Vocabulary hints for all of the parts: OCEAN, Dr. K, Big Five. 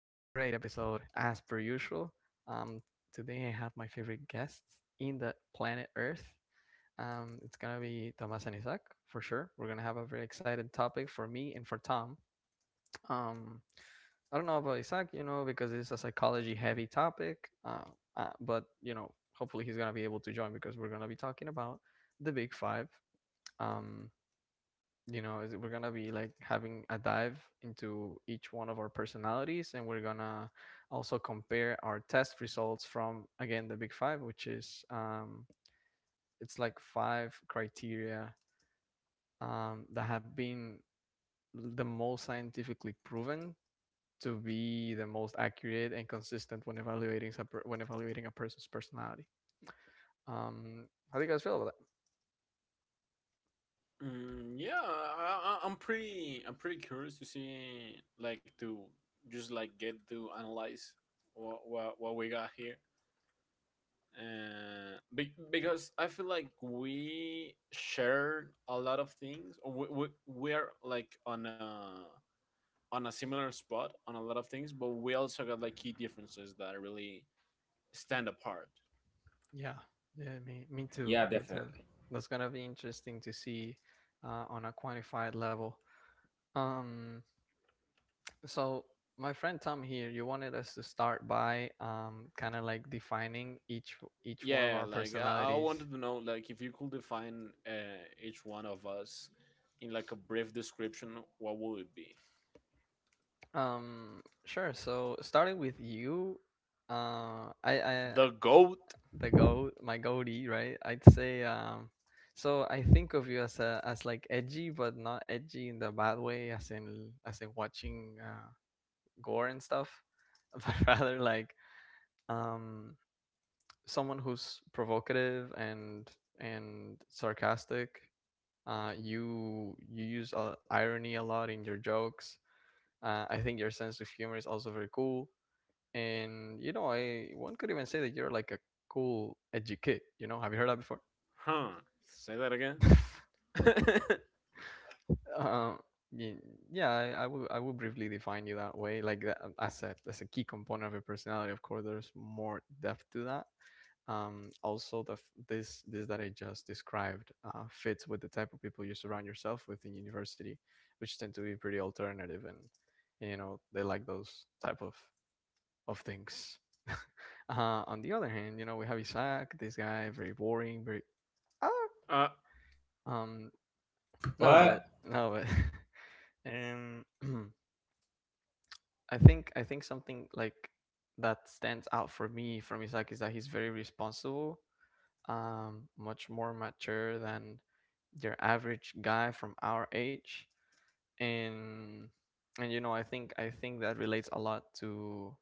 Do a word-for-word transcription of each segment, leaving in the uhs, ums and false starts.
episode. As per usual, um, today I have my favorite guests in the planet Earth. Um, it's gonna be Thomas and Isaac for sure. We're gonna have a very excited topic for me and for Tom. Um, I don't know about Isaac, you know, because it's a psychology-heavy topic. Uh, uh, but you know, hopefully he's gonna be able to join because we're gonna be talking about the Big Five. Um, you know is We're gonna be like having a dive into each one of our personalities, and we're gonna also compare our test results from, again, the Big Five, which is, um, it's like five criteria um, that have been the most scientifically proven to be the most accurate and consistent when evaluating when evaluating a person's personality. um, how do you guys feel about that? Mm, yeah, I, I- I'm pretty. I'm pretty curious to see, like, to just like get to analyze what what, what we got here, uh, be, because I feel like we share a lot of things, or We we we're like on a on a similar spot on a lot of things, but we also got like key differences that really stand apart. Yeah, yeah, me, me too, Yeah, me too. definitely. That's gonna be interesting to see uh, on a quantified level. Um, so my friend Tom here, you wanted us to start by, um, kind of like defining each each one of Yeah, our like I, I personalities. wanted to know, like if you could define uh, each one of us in like a brief description, what would it be? Um, sure. So starting with you, uh, I, I The goat? the goat, my goatee, right? I'd say, um, so I think of you as a as like edgy, but not edgy in the bad way, as in as in watching, uh, gore and stuff, but rather like, um, someone who's provocative and and sarcastic. Uh, you you use uh, irony a lot in your jokes. Uh, I think your sense of humor is also very cool, and you know, I one could even say that you're like a cool edgy kid. You know, have you heard that before? Huh? Say that again. um, y- yeah, I, I will. I will briefly define you that way. Like that, as a as a key component of your personality. Of course, there's more depth to that, um, also the f- this this that I just described, uh, fits with the type of people you surround yourself with in university, which tend to be pretty alternative, and, and you know they like those type of of things. Uh, on the other hand, you know, we have Isaac, this guy, very boring, very ah, uh, I, um no but But no but um I think I think something like that stands out for me from Isaac is that he's very responsible, um, much more mature than your average guy from our age, and and you know, i think i think that relates a lot to,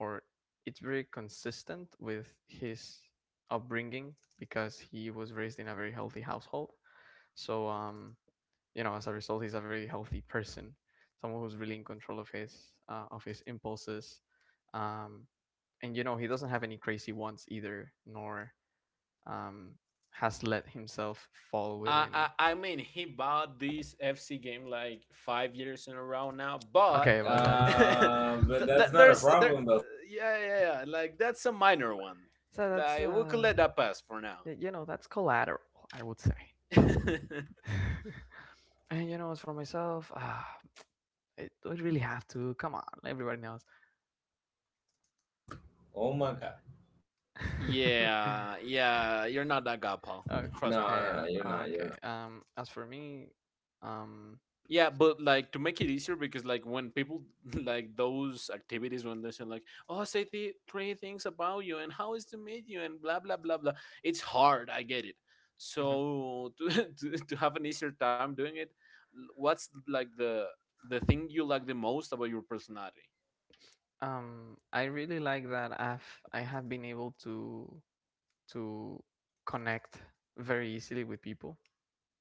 or it's very consistent with his upbringing, because he was raised in a very healthy household. So, um you know, as a result, he's a very healthy person, someone who's really in control of his, uh, of his impulses, um and you know, he doesn't have any crazy wants either, nor, um, has let himself fall I within. I mean, he bought this F C game like five years in a row now, Okay, but well, that's — uh, but th- th- that's not there's a there, problem though. yeah, yeah, yeah. Like that's a minor one. so that's Like we could uh let that pass for now. y- you know, that's collateral, I would say. And you know, as for myself, ah, it would really have to come on. Everybody knows. Oh my god. yeah, yeah, you're not that guy, Paul. Oh, Trust me. No, okay, no, no. You're uh, not. okay. You're not. Um, as for me, um, Yeah, but like to make it easier, because like when people like those activities when they say, like, oh, say the three things about you and how is to meet you and blah blah blah blah, it's hard. I get it. mhm, So to to, to have an easier time doing it, l- what's like the the thing you like the most about your personality? um, I really like that I've I have been able to to connect very easily with people.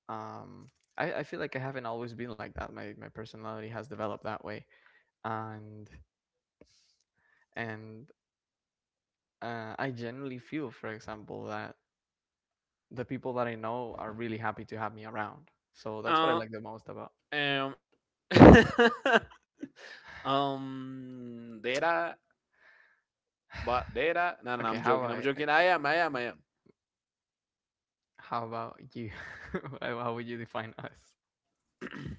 um I, I feel like I haven't always been like that. My my personality has developed that way, and and uh, I generally feel, for example, that the people that I know are really happy to have me around. So that's what I Uh, like the most about. um, um, data, but data. No, no, no, Okay, I'm how joking. I'm about joking. I am. I am. I how about you? How how would you define us? am.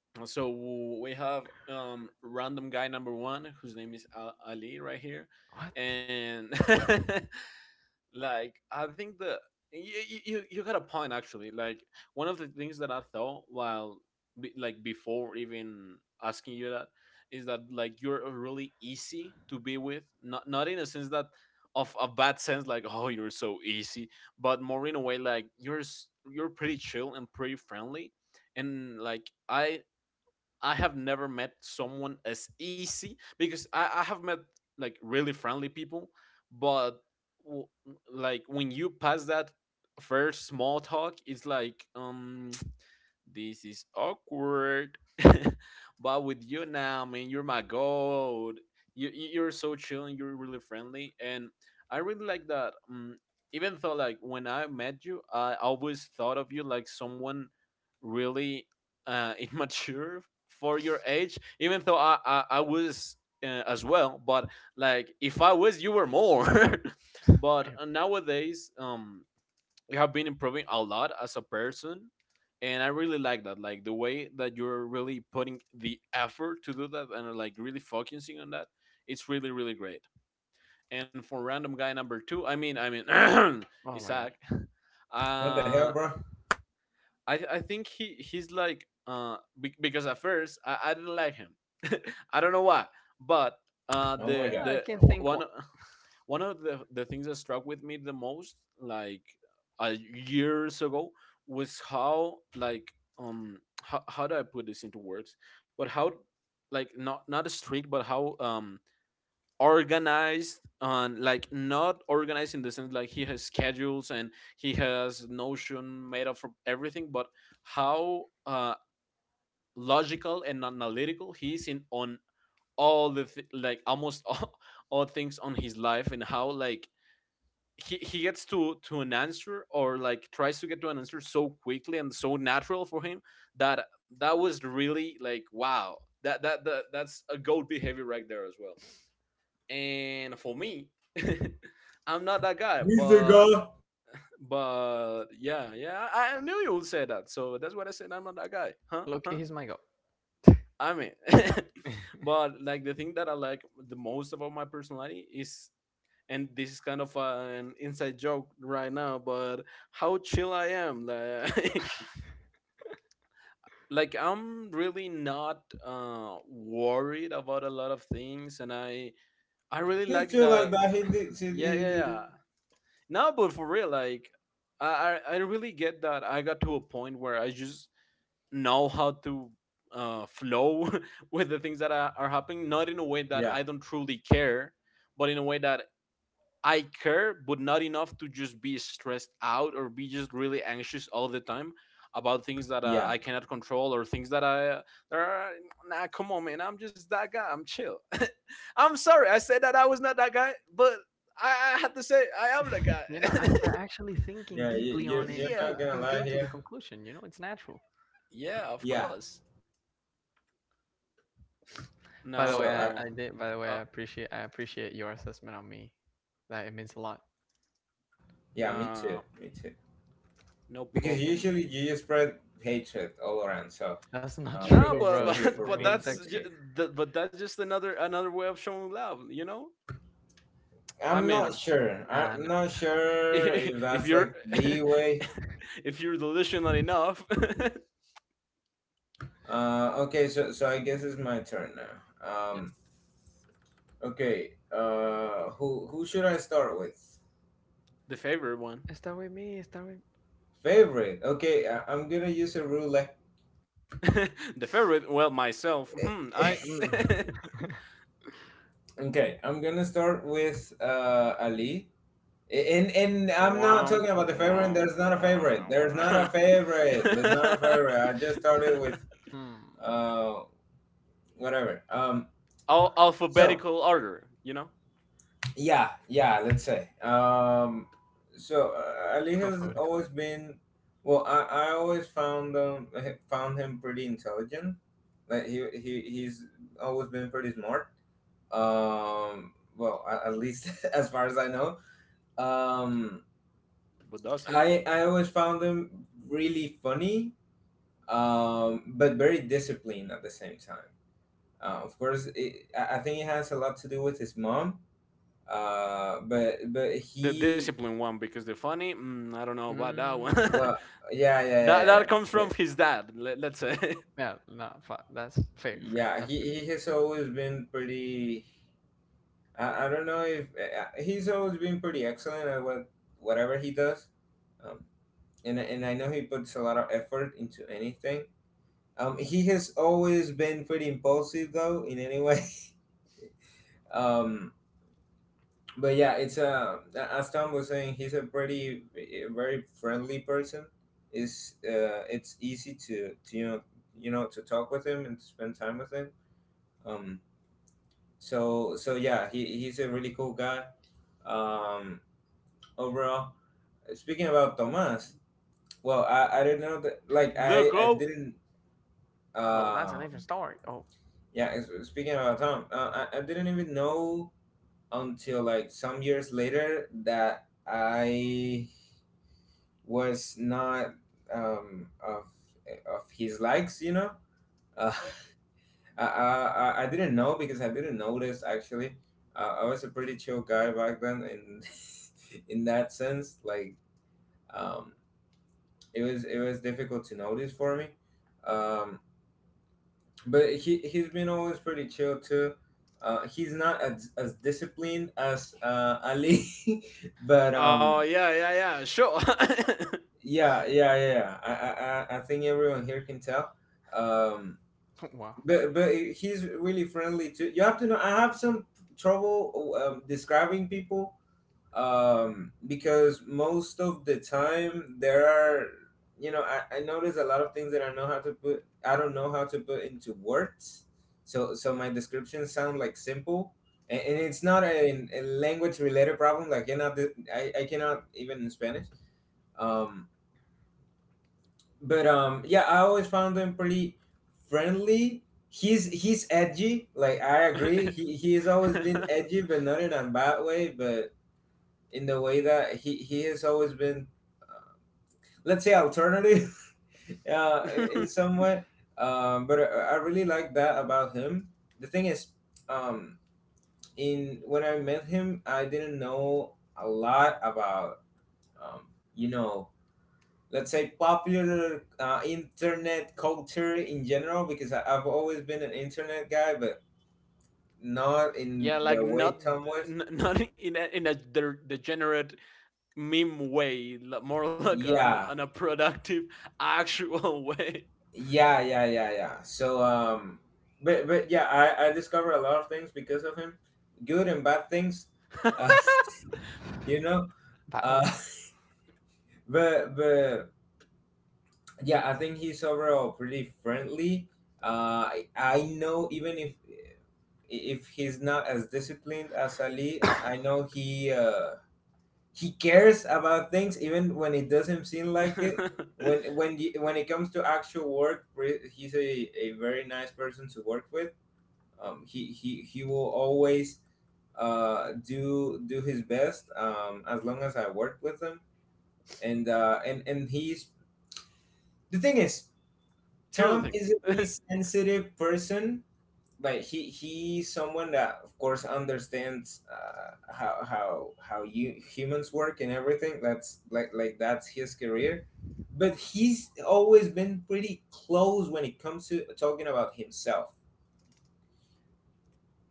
so we have um random guy number one, whose name is Al- ali right here. What? And like I think the you, you- you you got a point, actually. Like, one of the things that I thought while be, like before even asking you that, is that like you're really easy to be with. Not not in a sense that of a bad sense, like, oh, you're so easy, but more in a way like you're s- you're pretty chill and pretty friendly. And like i I have never met someone as easy, because I, I have met like really friendly people, but w- like when you pass that first small talk, it's like um this is awkward. But with you now, man, you're my god. You you- you're so chill and you're really friendly, and I really like that. Um, even though like when I met you, I always thought of you like someone really uh, immature for your age. Even though I I, I was uh, as well, but like if I was, you were more. But Eh, uh, nowadays, um, you have been improving a lot as a person, and I really like that, like the way that you're really putting the effort to do that and like really focusing on that. It's really, really great. And for random guy number two, i mean i mean oh my god. Isaac. What the uh hell, bro? I I think he he's like, uh be, because at first, I, I didn't like him. I don't know why, but uh Oh my the god. Ah, I the can't w- think. one, What? one of the the things that struck with me the most, like, a years ago, was how, like, um how, how, do I put this into words? But how, like, not not strict, but how um organized, and like not organized in the sense like he has schedules and he has notion made up for everything, but how uh logical and analytical he is in on all the th- like almost all, all things on his life, and how like he, he gets to to an answer, or like tries to get to an answer so quickly and so natural for him, that that was really like, wow. That that, that that's a goat behavior right there as well. And for me, I'm not that guy, He's the but guy. but yeah, yeah, i I knew you would say that, so that's what I said, I'm not that guy, huh Loki, huh. he's my god. I mean, but like the thing that I like the most about my personality is— and this is kind of an inside joke right now, but how chill I am, like like I'm really not uh worried about a lot of things, and i i really He's like still that. like that. He did. He, yeah, yeah, he, did- yeah. No, but for real, like I I I really get that. I got to a point where I just know how to uh, flow with the things that are, are happening, not in a way that Yeah, I don't truly care, but in a way that I care, but not enough to just be stressed out or be just really anxious all the time about things that uh, yeah, I cannot control, or things that I uh, that are— nah, come on, man, I'm just that guy, I'm chill. I'm sorry I said that I was not that guy, but I, I had to say, I am the You know, guy. after actually thinking yeah. You, deeply on you're it, you're Yeah, not you gonna you lie came to the here. conclusion. You know, it's natural. yeah, of Yeah. course. By the way, So I. I, No, I- I did. By the way, uh, I appreciate I appreciate your assessment on me. Like, it means a lot. Yeah, me too. no, Me too. no Because problem. usually you just spread hatred all around. So, That's not um, No, true, th- but bro. thank He- you but for they but being would, that, that's ju- sincere. that- but that's just another another way of showing love, you know. I I'm not mean, sure. I'm man. not sure if if that's you're like the way. if you're delusional enough, the Uh, okay, so so I guess it's my turn now. Yes. Um, okay. Uh, who who should I start with? favorite one, Start with me. Start with. Favorite. Okay, I, I'm gonna use a roulette. the favorite. Well, myself. Hmm, I. Mm. Okay, I'm gonna start with uh Ali. And and I'm not Womp talking about the favorite. womp There's not a favorite. There's not a womp, favorite. There's not a favorite. I just started womp. with Hmm. uh whatever. Um, al- so alphabetical order, you know? Yeah, yeah, let's say. Um, so uh, Ali has always Alphabetical. been, well, I, I always found um h- found him pretty intelligent. Like he, he he's always been pretty smart. Um, well, a- at least as far as I know. Um, But does you know I I always found him really funny, um, but very disciplined at the same time. Uh, of course, it, I I think it has a lot to do with his mom. Uh, but but the he discipline one, because the funny, mm, I don't know about that one. that Mm. Well, yeah, yeah, yeah, yeah, yeah. that comes But from his dad. Let, let's say. Yeah. No. Fuck. That's fair. Fair. yeah, That's true. he, he has always been pretty. I, I don't know if uh, he's always been pretty excellent at what whatever he does. Um, and I- and I know he puts a lot of effort into anything. Um, he has always been pretty impulsive though, in any way. um, but yeah, it's uh, a as Tom was saying, he's a pretty a very friendly person. Is uh, It's easy to to you know you know to talk with him and to spend time with him. Um, so so yeah, he, he's a really cool guy. Um, Overall, speaking about Tomas, well, I, I didn't know that. Like The I I go. didn't. Well, that's a different Um, story. Oh. Yeah, s- speaking about Tom, uh, I, I didn't even know until like some years later that I was not um of of his likes, you know. I, I I didn't know because I didn't notice actually. Uh, I was a pretty chill guy back then, in in that sense. like um, it was it was difficult to notice for me. Um, but he he's been always pretty chill too. Uh, he's not as, as disciplined as uh, Ali, but Oh um, yeah, yeah, yeah. Sure. yeah, yeah, yeah, yeah. I, I I I think everyone here can tell. Um, Oh. Wow. but but he's really friendly too. You have to know. I have some trouble um, describing people, um, because most of the time there are, you know, I, I notice a lot of things that I know how to put. I don't know how to put into words. So so my descriptions sound like simple, and, and it's not a a language related problem. Like cannot I I cannot even in Spanish. Um, but um, yeah, I always found him pretty friendly. He's he's edgy. Like I agree, he he's always been edgy, but not in a bad way, but in the way that he he has always been, let's say, alternative, uh, in some way. Um, but I, I really like that about him. The thing is, um, in when I met him, I didn't know a lot about, um, you know, let's say popular uh, internet culture in general, because I, I've always been an internet guy but not in Yeah, the like way not Tom was. n- not in a, in a de- degenerate meme way, li- more like on on Yeah, a productive actual way. yeah, yeah, yeah, yeah. So um but but yeah, i i discovered a lot of things because of him, good and bad things. uh, you know. Valid. Uh but but yeah, I think he's overall pretty friendly. uh i, I know, even if if he's not as disciplined as Ali, i, I know he uh he cares about things even when it doesn't seem like it. When when you, when it comes to actual work, re- he's a, a very nice person to work with. Um, he, he he will always uh, do do his best, um, as long as I work with him. And uh, and and he's the thing is Here's Tom the is a really sensitive person. Like he he's someone that of course understands uh, how how how you humans work, and everything that's like like that's his career. But he's always been pretty close when it comes to talking about himself.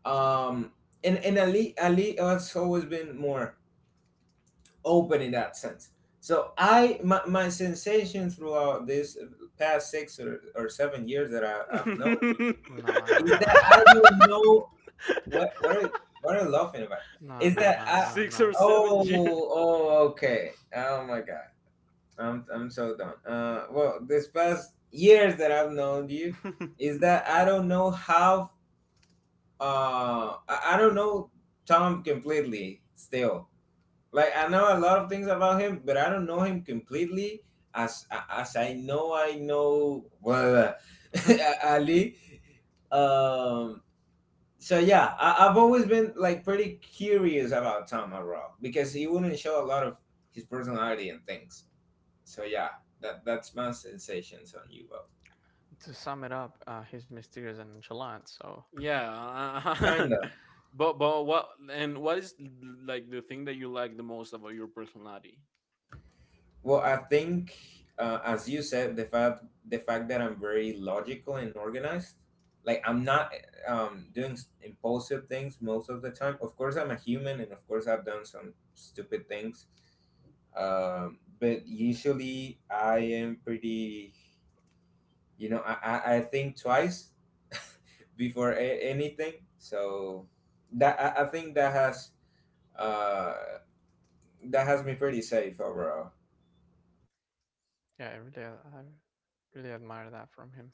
Um and and ali ali has always been more open in that sense. So i my, my sensation throughout this past six or, or seven years that I, I've known you thing. No, no, is no, that I no, don't know. What what are, what are you laughing about? no, Is no, that no, I? no, six or no. seven Oh, years. oh, okay. Oh my god. I'm I'm so done. Uh, well, this past years that I've known you, is that I don't know how. Uh, I, I don't know Tom completely still. Like I know a lot of things about him, but I don't know him completely. As as I know, I know well, Ali. Um, so yeah, I, I've always been like pretty curious about Tom Arau because he wouldn't show a lot of his personality and things. So yeah, that that's my sensations on you both. To sum it up, uh, he's mysterious and nonchalant, so — yeah, Kinda. but but what and what is like the thing that you like the most about your personality? Well, I think, uh, as you said, the fact, the fact that I'm very logical and organized, like I'm not, um, doing s- impulsive things most of the time. Of course, I'm a human, and of course, I've done some stupid things. Um, but usually, I am pretty, you know, i i, I think twice before a- anything. So that, I, I think that has uh that has me pretty safe overall. yeah, I really, I really admire that from him.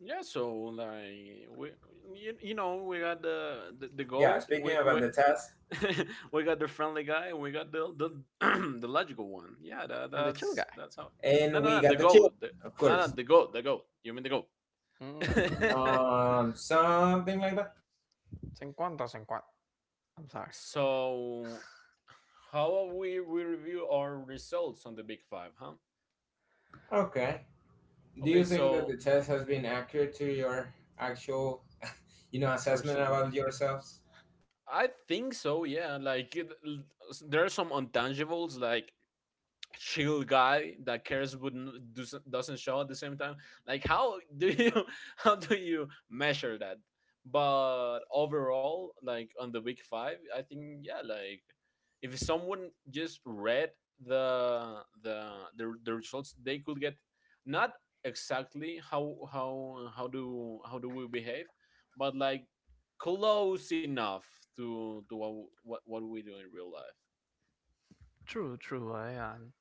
Yeah, so like we, you, you know, we got the the, the Yeah, goat, speaking we about we. the test. We got the friendly guy, and we got the the, the logical one, yeah. that, And the chill guy. that's that's how. And No, we no, no, got the the chip, goat, the— of no, no, course. the goat, the goat, you mean the goat. Mm, um Something like that. Cinquanta Cinquanta. I'm sorry. So, how we we review our results on the Big Five, huh? Okay, do you Okay, think that so the test has been accurate to your actual, you know, assessment about personality, yourselves? I think so. Yeah, like it, l- s- there are some intangibles, like chill guy that cares but n- doesn't doesn't show at the same time, like, how do you how do you measure that? But overall, like, on the week five, I think, yeah, like if someone just read the the the, the results, they could get not exactly how how how do how do we behave, but like close enough to to what what, what we do in real life. True, true. I, um,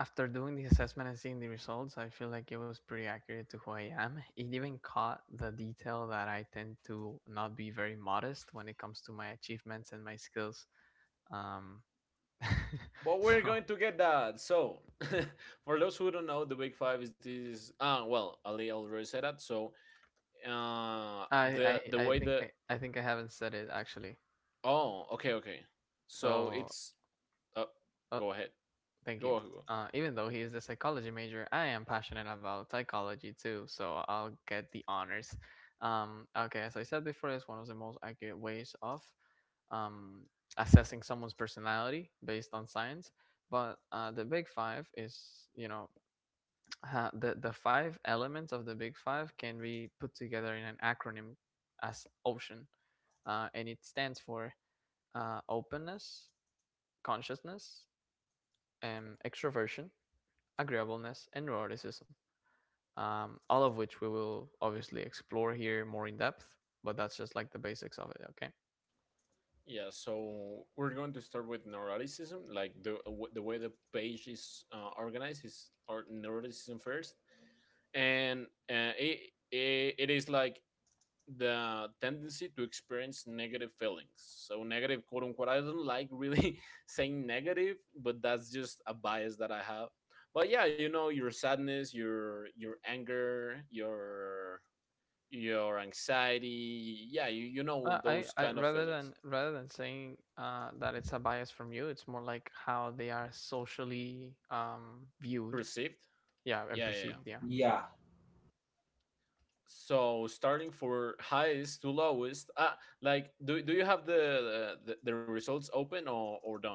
after doing the assessment and seeing the results, I feel like it was pretty accurate to who I am. It even caught the detail that I tend to not be very modest when it comes to my achievements and my skills. Um, But we're so going to get that. So, for those who don't know, the Big Five is this. Ah, Uh, well, Ali already said that. So, uh, I, the the I, I way think the I, I think I haven't said it actually. oh, okay, okay. So So, it's uh, uh, go ahead, thank you. go, go. Uh, even though he is a psychology major, I am passionate about psychology too, so I'll get the honors. Um, okay, as I said before, it's one of the most accurate ways of, um, assessing someone's personality based on science. But, uh, the Big Five is, you know, ha- the the five elements of the Big Five can be put together in an acronym as OCEAN, uh, and it stands for, uh, openness, consciousness, um, extroversion, agreeableness, and neuroticism, um, all of which we will obviously explore here more in depth. But that's just like the basics of it. Okay. Yeah. So we're going to start with neuroticism, like the the way the page is uh, organized, is or neuroticism first, and uh, it, it it is like the tendency to experience negative feelings. So negative, quote unquote. I don't like really saying negative, but that's just a bias that I have. But yeah, you know, your sadness, your your anger, your your anxiety. Yeah, you, you know Uh, I, those I kind of rather feelings than rather than saying, uh, that it's a bias from you, it's more like how they are socially, um, viewed, perceived. yeah, and Yeah, yeah, yeah. perceived. Yeah, Yeah. So, starting for highest to lowest, ah, like, do, do you have the, the the results open, or or done?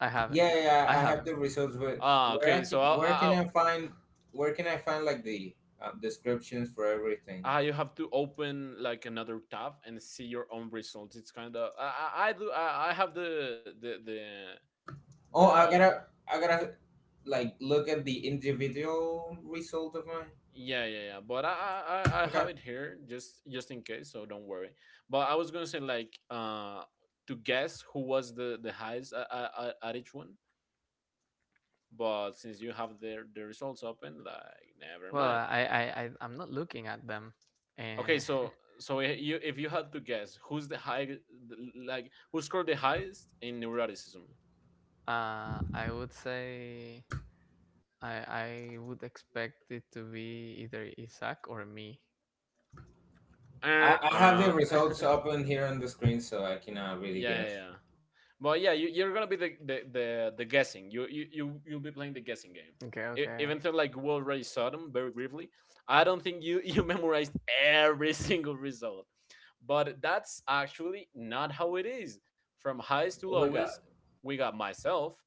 I haven't, Yeah, yeah, I yeah, I have haven't. the results, but Ah, where I okay. So can, I where can I I find, where can I find like the, um, descriptions for everything? Ah, you have to open like another tab and see your own results. It's kind of— I, I I do I, I have the the the Oh, I the gotta, I gotta like look at the individual result of mine. yeah, yeah, yeah. But I I I I have Okay, it here, just just in case, so don't worry. But I was gonna say, like, uh to guess who was the the highest at, at, at each one, but since you have the the results open, like, never Well, mind. I I I I'm not looking at them, Okay, and so so i- you if you had to guess who's the high like who scored the highest in neuroticism? uh, I would say I I would expect it to be either Isaac or me. Uh, I, I have uh. the results up on here on the screen, so I cannot really Yeah, yeah, guess. yeah. But yeah, you, you're gonna be the, the, the, the guessing. You, you you you'll be playing the guessing game. Okay, E- okay. Even though like we already saw them very briefly, I don't think you you memorized every single result. But that's actually not how it is. From highest to Oh my lowest, god. we got myself,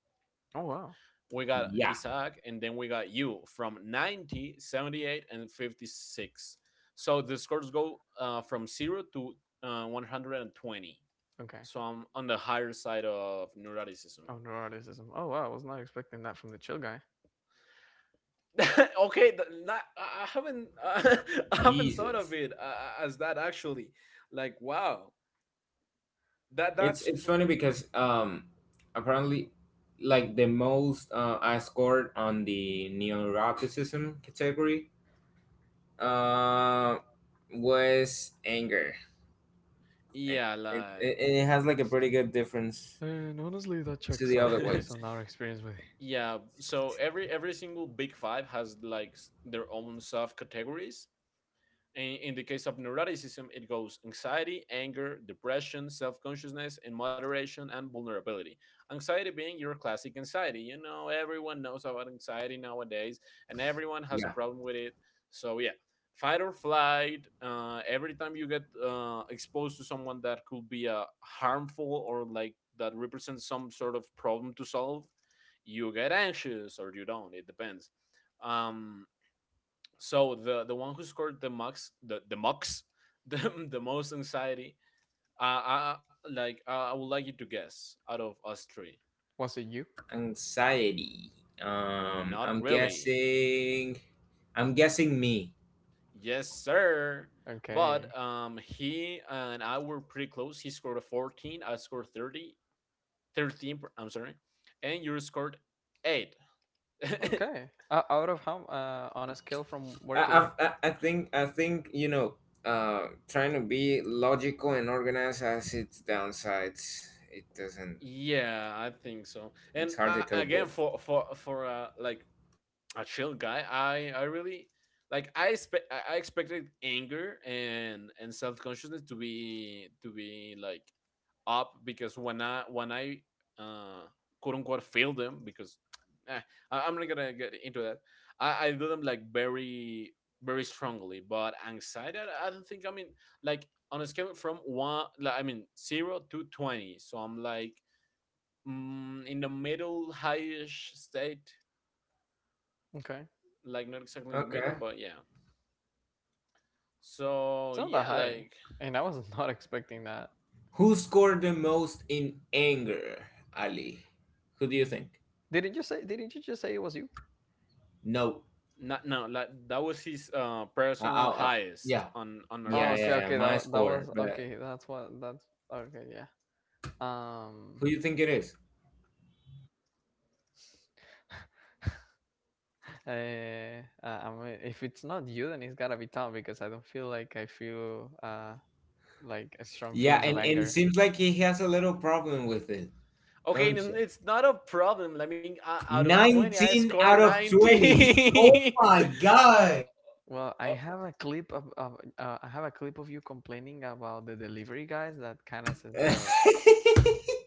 Oh wow. we got Yeah. Isaac, and then we got you, from ninety, seventy-eight, and fifty-six. So the scores go uh, from zero to uh, one hundred twenty. Okay. So I'm on the higher side of neuroticism. Oh, neuroticism. Oh wow, I was not expecting that from the chill guy. okay, th- not, I I haven't I haven't thought of Jesus. it uh, as that, actually. Like, wow, that It's that's it's pr—. funny because, um apparently, like the most, uh, I scored on the neuroticism category, uh, was anger. It, Yeah, it, like it has like a pretty good difference And honestly, that to checks the other out based ones. on our experience with. yeah. So every every single Big Five has like s- their own sub categories. In, in the case of neuroticism, it goes anxiety, anger, depression, self consciousness, and moderation and vulnerability. Anxiety being your classic anxiety. You know, everyone knows about anxiety nowadays, and everyone has a Yeah, problem with it. So, yeah, fight or flight, uh, every time you get uh, exposed to someone that could be uh, harmful or like that represents some sort of problem to solve, you get anxious or you don't. It depends. Um, so the the one who scored the mux the the mux the, the most anxiety. Uh, I, like uh, I would like you to guess out of us three. Was it you? anxiety. Um, Not I'm really. guessing. I'm guessing me. Yes, sir. But Okay. um, he and I were pretty close. He scored a fourteen. I scored thirty thirteen. per- I'm sorry, and you scored eight. Okay. Uh, out of how? Uh, on a scale from where I, to I, where? I I think I think you know. Uh, trying to be logical and organized has its downsides. It doesn't. Yeah, I think so. And It's hard to uh, cope again, with. for for for uh, like, a chill guy. I I really, like, I expect I I expected anger and and self consciousness to be to be like up, because when I when I uh quote unquote fail them, because eh, I, I'm not gonna get into that. I I do them like very very strongly, but anxiety, I, I don't think, I mean, like, on a scale from one like, I mean zero to twenty. So I'm like, mm, in the middle highish state, Okay. like, not exactly in the middle, Okay. but yeah. So It's not that yeah, high, like, and I was not expecting that. Who scored the most in anger, Ali? Who do you think? Didn't you say? Didn't you just say it was you? No. not, no, like that was his uh I, personal I, I- highest yeah, on on Oh, yeah, okay. yeah, eroticism. yeah, Okay. That my wa- That score. was But okay. That's what. That's okay. Yeah. Um. who you think it is? Uh, uh, I mean, if it's not you, then it's gotta be Tom, because I don't feel like I feel uh like, uh, strong Yeah, feelings of and, and it anger. seems like he has a little problem with it, Okay, don't and you? it's not a problem. I mean, uh, out of twenty, I nineteen scored out of twenty. Oh ninety. my god! Well, I uh, have a clip of, of uh, I have a clip of you complaining about the delivery guys that kind of says the other.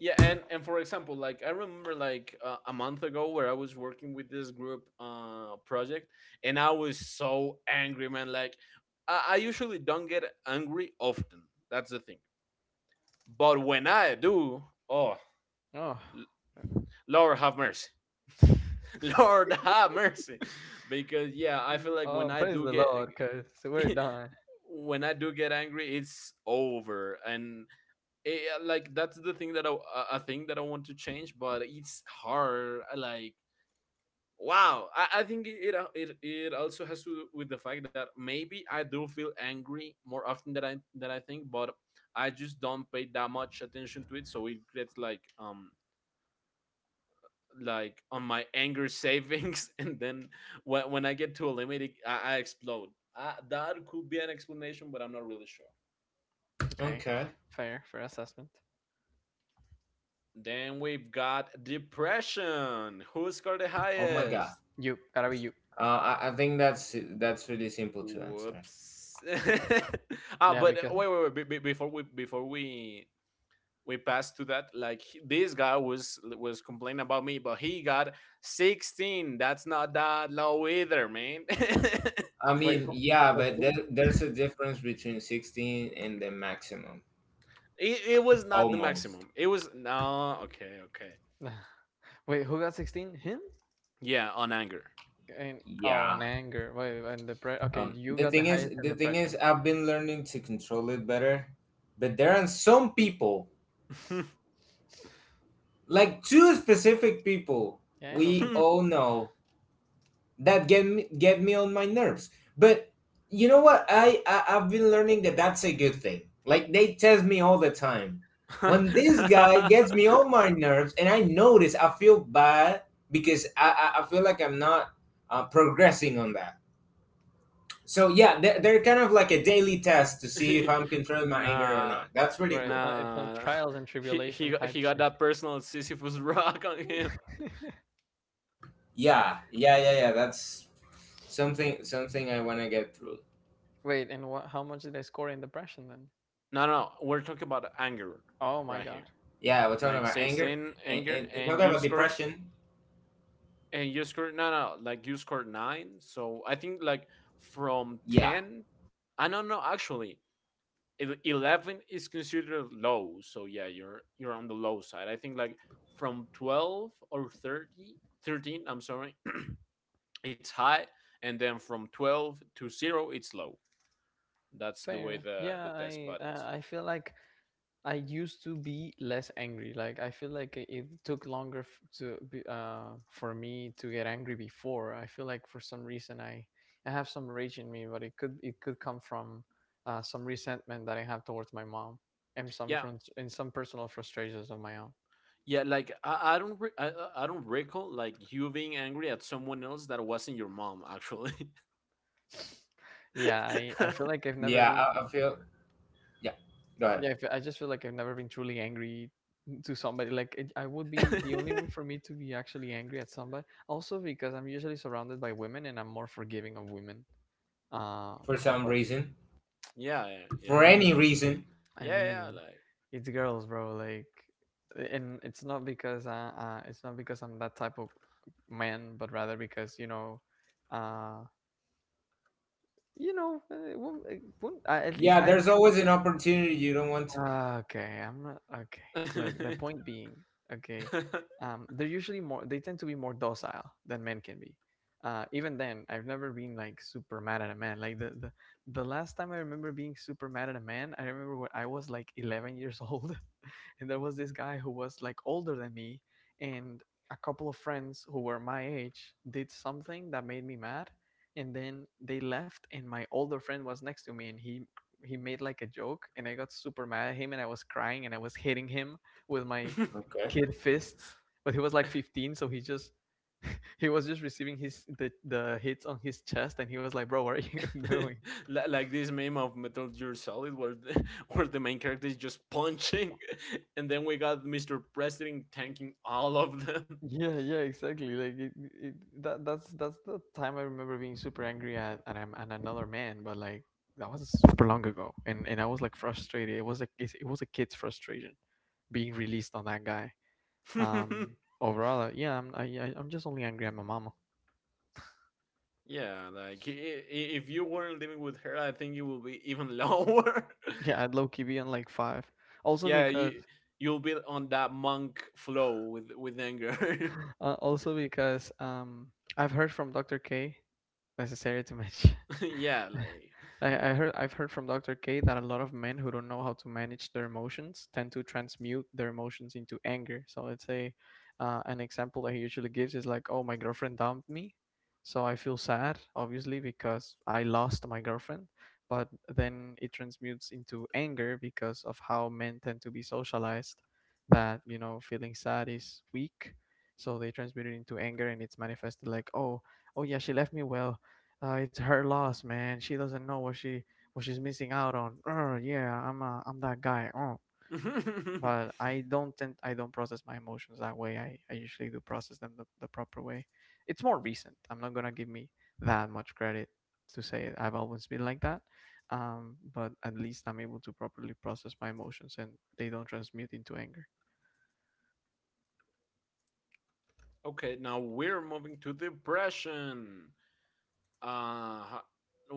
yeah, and and for example, like I remember, like, uh, a month ago where I was working with this group uh project, and I was so angry, man. Like, I, I usually don't get angry often. That's the thing. But when I do, oh, Oh, Lord have mercy. Lord have mercy, because yeah, I feel mm, like when oh, I praise do the get Lord, cause we're done. when I do get angry, it's over, and it, like, that's the thing that I a- a thing that I want to change, but it's hard. uh, Like, wow, I, I think it, it it it also has to do with the fact that maybe I do feel angry more often than I than I think, but I just don't pay that much attention to it, so it gets like um like on my anger savings and then when, when I get to a limit, i, I explode. Uh, that could be an explanation, but I'm not really sure. Okay, Okay. f- fair, fair assessment. Then we've got depression. Who scored the Oh my God. highest? You gotta be you. Uh, I, I think that's that's really simple to answer. Whoops. ah Yeah, but uh, because wait I- wait wait be- be- before we before we we pass to that. Like, he- this guy was was complaining about me, but he got sixteen. That's not that low either, man. I wait, mean, who, yeah, wait, but there, who? there's a difference between sixteen and the maximum. It, it was not the Almost. maximum. It was, no. Okay. Okay. Wait, who got sixteen? Him? Yeah. On anger. And Yeah. oh, and anger. Wait, and depression. Okay, Um, you The got the thing is, highest in the thing is, depression. I've been learning to control it better, but there are some people, like two specific people, Yeah, I know we something. all know, that get me, get me on my nerves. But you know what? I, I I've been learning that that's a good thing. Like they test me all the time. When this guy gets me on my nerves, and I notice, I feel bad because I I, I feel like I'm not uh, progressing on that. So yeah, they're, they're kind of like a daily test to see if I'm controlling my anger or Nah. not. That's pretty Right, it's cool. not, it's some Nah. trials and He he tribulation he type got that personal Sisyphus rock on him. shit. Yeah, yeah, yeah, yeah. That's something, something I want to get through. Wait, and what? How much did they score in depression then? No, no. We're talking about anger Oh my right here. god, Yeah, we're talking Like, about anger sixteen and anger. and, and And talking you about scored, depression. and you scored, no, no, like, you scored nine. So I think, like, from Yeah, ten. I don't know, actually. eleven is considered low. So yeah, you're you're on the low side. I think, like, from twelve or thirty thirteen. I'm sorry. It's high. And then from twelve to zero it's low. That's the way fair. the Yeah, the test I put it. uh, I feel like I used to be less angry. Like, I feel like it it took longer f- to be, uh for me to get angry before. I feel like for some reason I I have some rage in me, but it could it could come from, uh, some resentment that I have towards my mom, and some Yeah, from and some personal frustrations of my own. yeah, like, I, I don't re- I, I- I don't recall, like, you being angry at someone else that wasn't your mom, actually. Yeah, I I feel like I've never yeah. been — I, I feel, yeah. Go ahead. yeah, I, feel, I just feel like I've never been truly angry to somebody. Like, it, I would be the only way for me to be actually angry at somebody. Also because I'm usually surrounded by women, and I'm more forgiving of women. Uh, For some but reason, Yeah, yeah, I for yeah, any mean, like, reason. I yeah, mean, it's girls, bro. Like, and it's not because uh, uh it's not because I'm that type of man, but rather because, you know, uh, you know, uh, wom- uh, wom- uh, at least Yeah, I there's view — always an opportunity you don't want. To. ah, okay, I'm not okay. Look, the point being, okay, yeah, like. um, they're usually more. They tend to be more docile than men can be. Uh, even then, I've never been like super mad at a man. Like the, the the last time I remember being super mad at a man, I remember when I was like eleven years old, and there was this guy who was like older than me, and a couple of friends who were my age did something that made me mad, and then they left, and my older friend was next to me, and he he made like a joke, and I got super mad at him, and I was crying, and I was hitting him with my Okay. kid fists. But he was like fifteen, so he just he was just receiving his the, the hits on his chest, and he was like, "Bro, what are you doing?" Li- like this meme of Metal Gear Solid where the, where the main character is just punching and then we got Mister President tanking all of them. Yeah, yeah, exactly. Like it, it, that that's that's the time I remember being super angry at at, am- at another man, but like that was super long ago, and and I was like frustrated. It was like it it was a kid's frustration being released on that guy. Um, Overall, uh, yeah, I'm I, I- I'm just only angry at my mama. Yeah, like, i- i- if you weren't living with her, I think it will be even lower. Yeah, I'd low key be on like five. Also Yeah, you because you'll be on that monk flow with with anger. uh, also because um I've heard from doctor K. Necessary to mention. Yeah, like. I, I heard I've heard from doctor K that a lot of men who don't know how to manage their emotions tend to transmute their emotions into anger. So let's say uh, an example that he usually gives is like, "Oh, my girlfriend dumped me, so I feel sad, obviously because I lost my girlfriend." But then it transmutes into anger because of how men tend to be socialized that you know feeling sad is weak. So they transmute it into anger, and it's manifested like, "Oh, oh yeah, she left me. Well, uh, it's her loss, man. She doesn't know what she what she's missing out on. Oh, yeah, I'm uh, I'm that guy. Oh, but I don't tend I don't process my emotions that way. I, I usually do process them the, the proper way. It's more recent. I'm not gonna give me that much credit to say it. I've always been like that. Um, but at least I'm able to properly process my emotions and they don't transmute into anger. Okay, now we're moving to depression. uh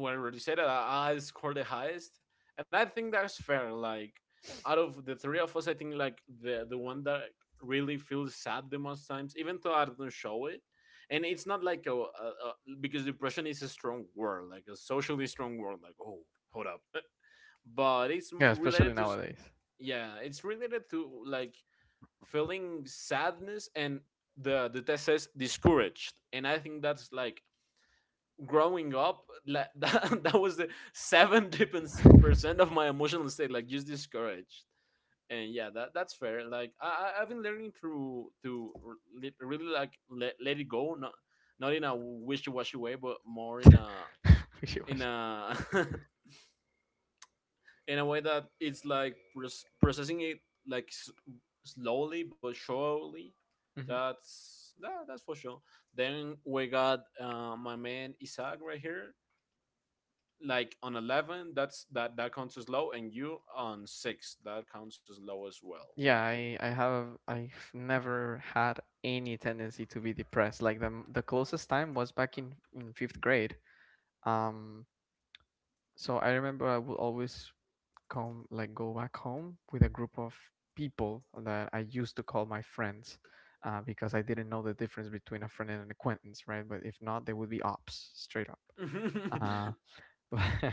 Whatever you said, uh, I scored the highest, and I think that's fair. Like, out of the three of us, I think, like, the the one that really feels sad the most times, even though I don't show it, and it's not like a, a, a because depression is a strong word, like a socially strong word. Like, oh, hold up. But it's Yeah, especially related to s- nowadays. yeah, it's related to, like, feeling sadness, and the the test says discouraged, and I think that's like growing up, like, that, that was the seventy percent of my emotional state, like, just discouraged. And yeah, that that's fair, like, i I- have been learning to to really, like, let, let it go, not not in a wishy-washy way, but more in a in Wishy-washy. a in a way that it's, like, proc- processing it, like, s- slowly but surely. That's that, that's for sure. Then we got uh, my man Isaac right here, like, on eleven. that's that that counts as low. And you on six. That counts as low as well, Yeah, like. I, I have I've never had any tendency to be depressed. Like the the closest time was back in in fifth grade. Um, so I remember I would always come, like, go back home with a group of people that I used to call my friends, uh, because I didn't know the difference between a friend and an acquaintance, right? But if not, they would be ops straight up. Uh,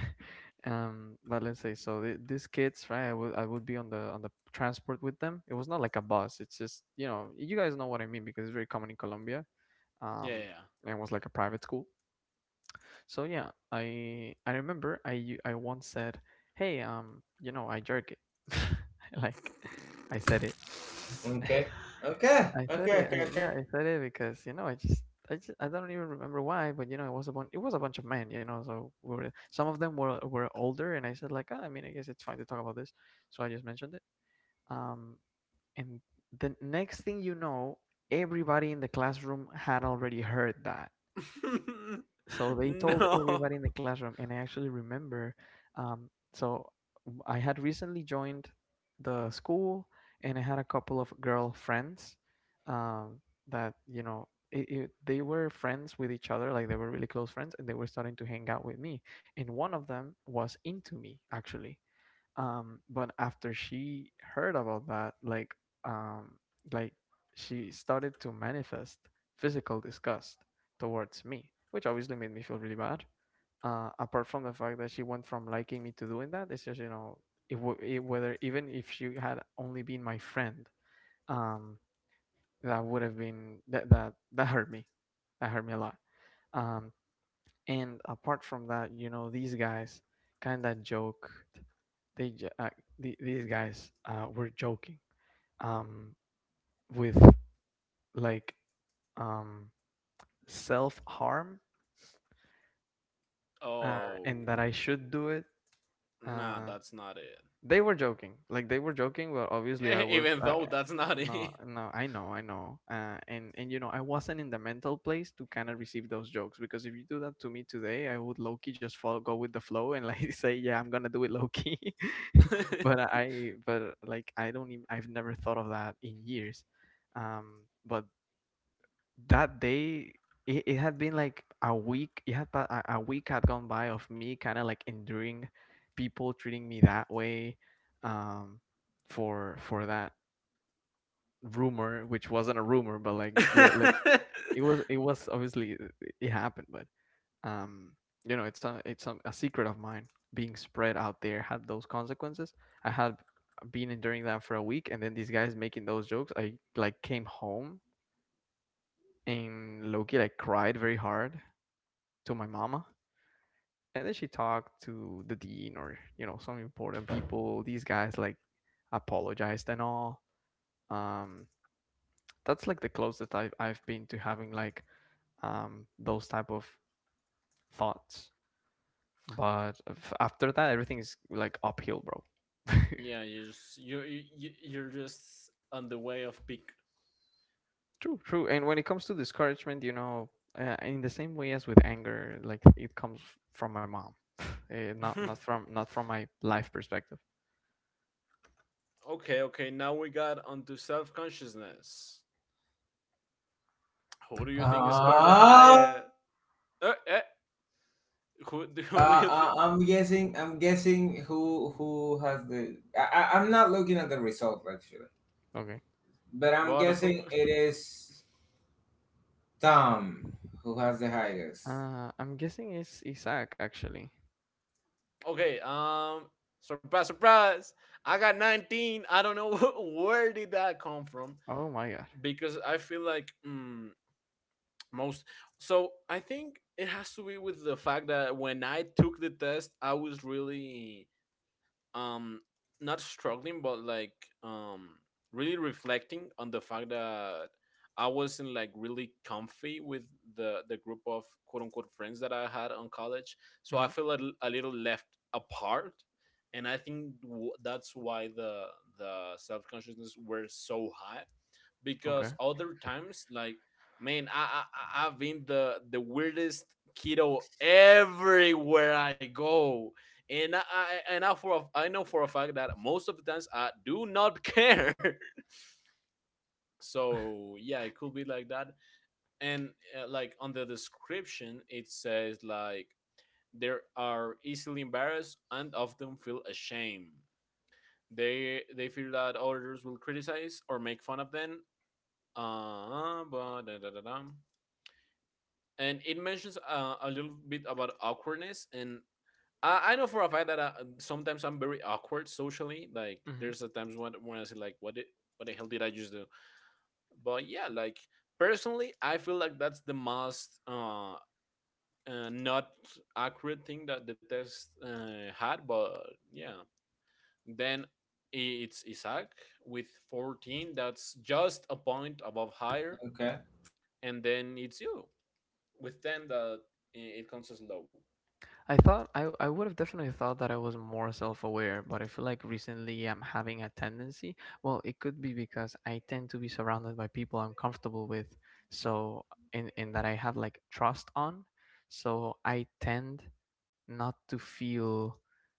um but let's say, so the, these kids, right, i would i would be on the on the transport with them. It was not like a bus, it's just you know you guys know what I mean because it's very common in Colombia. Yeah, um yeah. and it was like a private school, so yeah, i i remember i u- i once said, "Hey, um you know I jerk it." Like I said it. Okay. Okay. I said Okay. it. I, Okay. Okay. yeah, I said it because you know I just I just I don't even remember why, but you know it was a bunch it was a bunch of men, you know. So we were some of them were were older, and I said like, "Ah, I mean, I guess it's fine to talk about this," so I just mentioned it. Um, and the next thing you know, everybody in the classroom had already heard that, so they told No. everybody in the classroom. And I actually remember, um, so w- i had recently joined the school and I had a couple of girlfriends, um, that you know it, it, they were friends with each other, like they were really close friends and they were starting to hang out with me, and one of them was into me actually. Um, but after she heard about that, like, um, like she started to manifest physical disgust towards me, which obviously made me feel really bad. Uh, apart from the fact that she went from liking me to doing that, it's just you know, it, w- it whether even if she had only been my friend, um, that would have been that that that hurt me, that hurt me a lot. Um, and apart from that, you know, these guys kind of joke they ju- uh, the, these guys uh, were joking, um, with, like, um, self harm, uh, Oh, and that I should do it. nah, Uh, that's not it. They were joking. Like they were joking, but obviously I E- was even I, though that's not no, it. no, I know, I know. Uh, and and you know, I wasn't in the mental place to kind of receive those jokes because if you do that to me today, I would low key just follow, go with the flow and like say, yeah, I'm gonna do it low key. But I, but like I don't even, I've never thought of that in years. Um, but that day it, it had been like a week, it had pa- a, a week had gone by of me kind of like enduring people treating me that way, um for for that rumor, which wasn't a rumor, but like, let, let, it was it was obviously, uh, it happened, but um you know it's a it's a, a secret of mine being spread out there had those consequences. I had been enduring that for a week, and then these guys making those jokes, I like came home and loki like cried very hard to my mama, and then she talked to the dean or you know some important people. These guys like apologized and all. Um, that's like the closest I've I've been to having, like, um those type of thoughts. But after that, everything is like uphill, bro. Yeah, you just you you you're just on the way of peak. True, true. And when it comes to discouragement, you know, uh, in the same way as with anger, like it comes from my mom. Eh, not not from not from my life perspective. Okay, okay, now we got onto self consciousness. Who do you think scored the Ah. higher? uh, eh, Who do, who do Uh, you think? I- I'm guessing. I'm guessing who who has the. I, I- I'm not looking at the result actually, Okay. but I'm But who? guessing it is Tom who has the highest. Uh, I'm guessing it's Isaac actually. Okay. Um. Surprise! Surprise! I got nineteen. I don't know where did that come from, Oh my god. because I feel like, mm, most. So I think it has to be with the fact that when I took the test, I was really, um not struggling, but, like, um really reflecting on the fact that I wasn't, like, really comfy with the the group of quote unquote friends that I had on college. So I Hmm. feel a, l- a little left apart, and I think w- that's why the the self-consciousness were so high, Okay. because other times, like, man, I, I I- i've been the the weirdest keto everywhere I go. And i I- and i for a, i know for a fact that most of the times I do not care. So yeah, it could be like that. And uh, like, on the description it says, like, they are easily embarrassed and often feel ashamed. They they feel that others will criticize or make fun of them, uh, but da- da- da- da. And it mentions, uh, a little bit about awkwardness. And I, I know for a fact that, I, sometimes I'm very awkward socially, like Hmm. there's a times when, when I say, like, what did, what the hell did I just do. But yeah, like, personally I feel like that's the most uh, uh not accurate thing that the test uh, had, but yeah. Then it's Isaac with fourteen. That's just a point above higher. Okay. And then it's you with ten. That i- it counts as low. I thought I I would have definitely thought that I was more self-aware, but I feel like recently I'm having a tendency. Well, it could be because I tend to be surrounded by people I'm comfortable with, so in in that I have like trust on, so I tend not to feel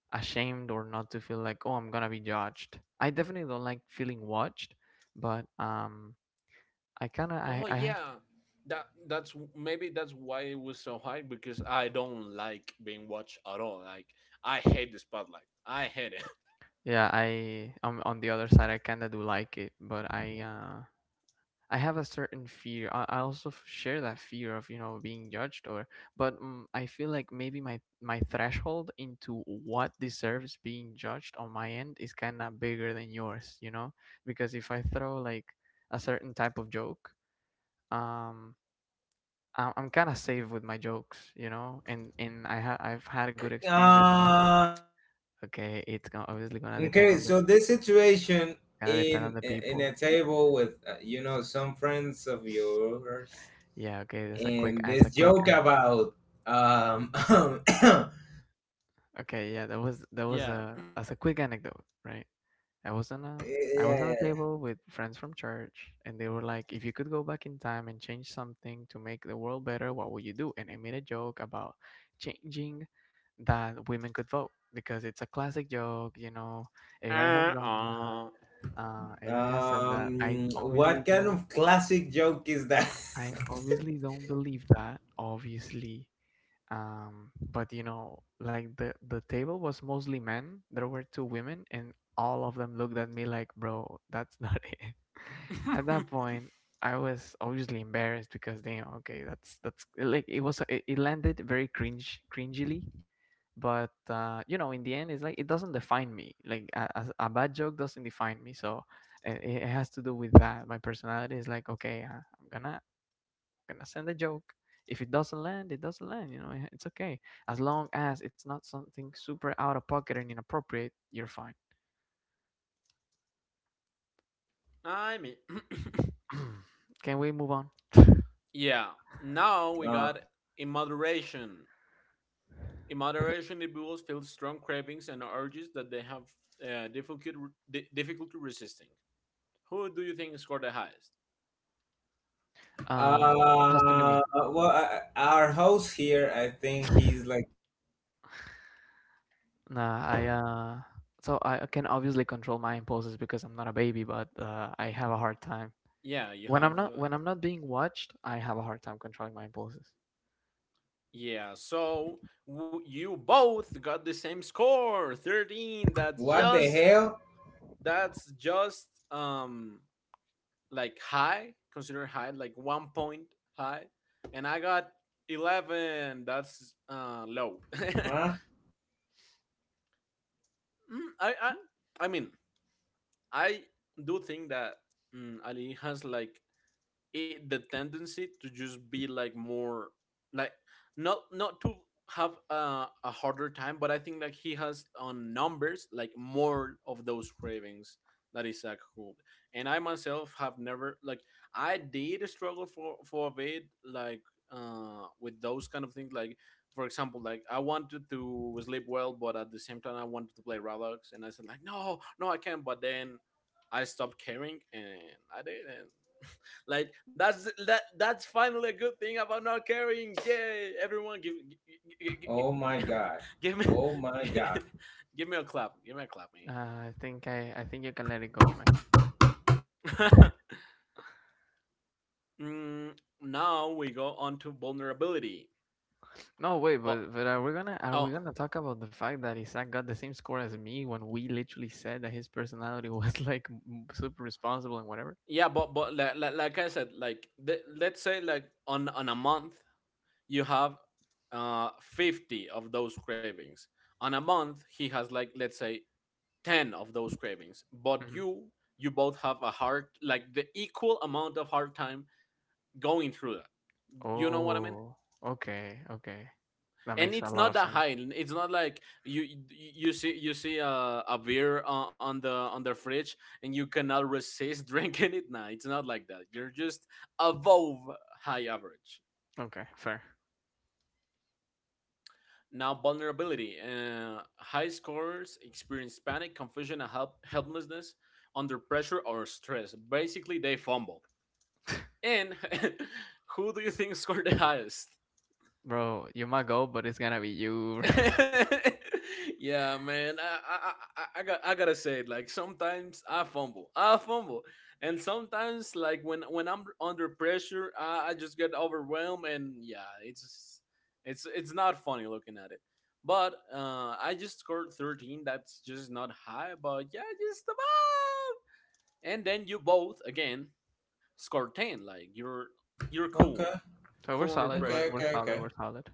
ashamed or not to feel like, oh, I'm gonna be judged. I definitely don't like feeling watched, but um. I kind of I, Oh I yeah, that that's w- maybe that's why it was so high, because I don't like being watched at all. Like, I hate the spotlight. I hate it. Yeah, I um, on the other side, I kinda do like it, but I uh I have a certain fear. I, I also f- share that fear of you know being judged, or but um, I feel like maybe my my threshold into what deserves being judged on my end is kinda bigger than yours, you know, because if I throw like a certain type of joke, um. I- I'm kind of safe with my jokes, you know, and and I ha- I've had good experiences most of. Uh, Okay, it's gonna obviously gonna depend okay. on the So this situation, gonna depend on in the in a people. table with, uh, you know, some friends of yours, Yeah, okay, that's a quick and as a this quick joke anec- about, um yeah, okay, yeah, that was that was Yeah. a as a quick anecdote, right? I was on a yeah, I was on a yeah. table with friends from church and they were like, if you could go back in time and change something to make the world better, what would you do? And I made a joke about changing that women could vote because it's a classic joke, you know, everybody has done that. Uh-uh. Uh, everybody has said that. I Um, what obviously kind don't of classic joke is that? I obviously don't believe that, obviously, um but you know like the the table was mostly men. There were two women and all of them looked at me like, bro, that's not it. At that point, I was obviously embarrassed because, damn, okay, that's that's like, it was, it, it landed very cringe cringily. But uh you know in the end, it's like it doesn't define me, like a, a, a bad joke doesn't define me. So it, it has to do with that my personality is like, okay, uh, I'm gonna gonna send a joke. If it doesn't land, it doesn't land. You know, eh, it's okay as long as it's not something super out of pocket and inappropriate. You're fine. I mean, Can we move on? yeah. Now we Uh, got in moderation. In moderation, individuals feel strong cravings and urges that they have uh, difficulty di- difficulty resisting. Who do you think scored the highest? Uh, has to be uh, me. well, uh, our host here, I think he's like, Nah, I uh, so I can obviously control my impulses because I'm not a baby, but uh, I have a hard time Yeah, you when have I'm not uh, when I'm not being watched. I have a hard time controlling my impulses. Yeah, so w- you both got the same score, thirteen. That's what the just hell? That's just, um like, high, consider high, like one point high. And I got eleven. That's uh low. Huh? Mm, I I I mean, I do think that, mm, Ali has, like, it, the tendency to just be, like, more, like, not not to have a, a harder time, but I think, like, he has on numbers, like, more of those cravings that Isaac could. And I myself have never, like, I did struggle for for a bit, like, uh with those kind of things, like, for example, like, I wanted to sleep well but at the same time I wanted to play Roblox, and I said, like, "No, no, I can't." But then I stopped caring and I did. And like, that's that that's finally a good thing about not caring. Yay! Everyone, give give, give, Oh my give god. give me Oh my god. give me a clap. Give me a clap, me. Uh, I think I I think you can let it go, man. Mm, Now we go on to vulnerability. No, wait, But but but are we gonna are we oh gonna talk about the fact that Isaac got the same score as me when we literally said that his personality was like m- super responsible and whatever? yeah, but but like, like, like I said, like the, let's say, like, on on a month you have uh fifty of those cravings. On a month he has, like let's say, ten of those cravings, but Hmm. you you both have a hard, like the equal amount of hard time going through that, you know what I mean. Oh, okay, okay, that And makes a it's lot not of that sense. high. It's not like you you you see you see a, a beer on, on the on the fridge and you cannot resist drinking it. Nah, it's not like that. You're just above, high average. Okay, fair, Now, vulnerability. Uh, high scorers experience panic, confusion and help, helplessness under pressure or stress. Basically they fumble. And who do you think scored the highest? bro. You might go, but it's gonna be you. Yeah, man. I, I I I I got I gotta say it. Like sometimes I fumble, I fumble, and sometimes like when when I'm under pressure, I, I just get overwhelmed, and yeah, it's it's it's not funny looking at it. But uh, I just scored thirteen. That's just not high, but yeah, just above. And then you both again scored ten. Like you're you're cool, Okay. So we're cool under solid. We're Okay. pressure. we're Okay. solid. Okay. We're solid.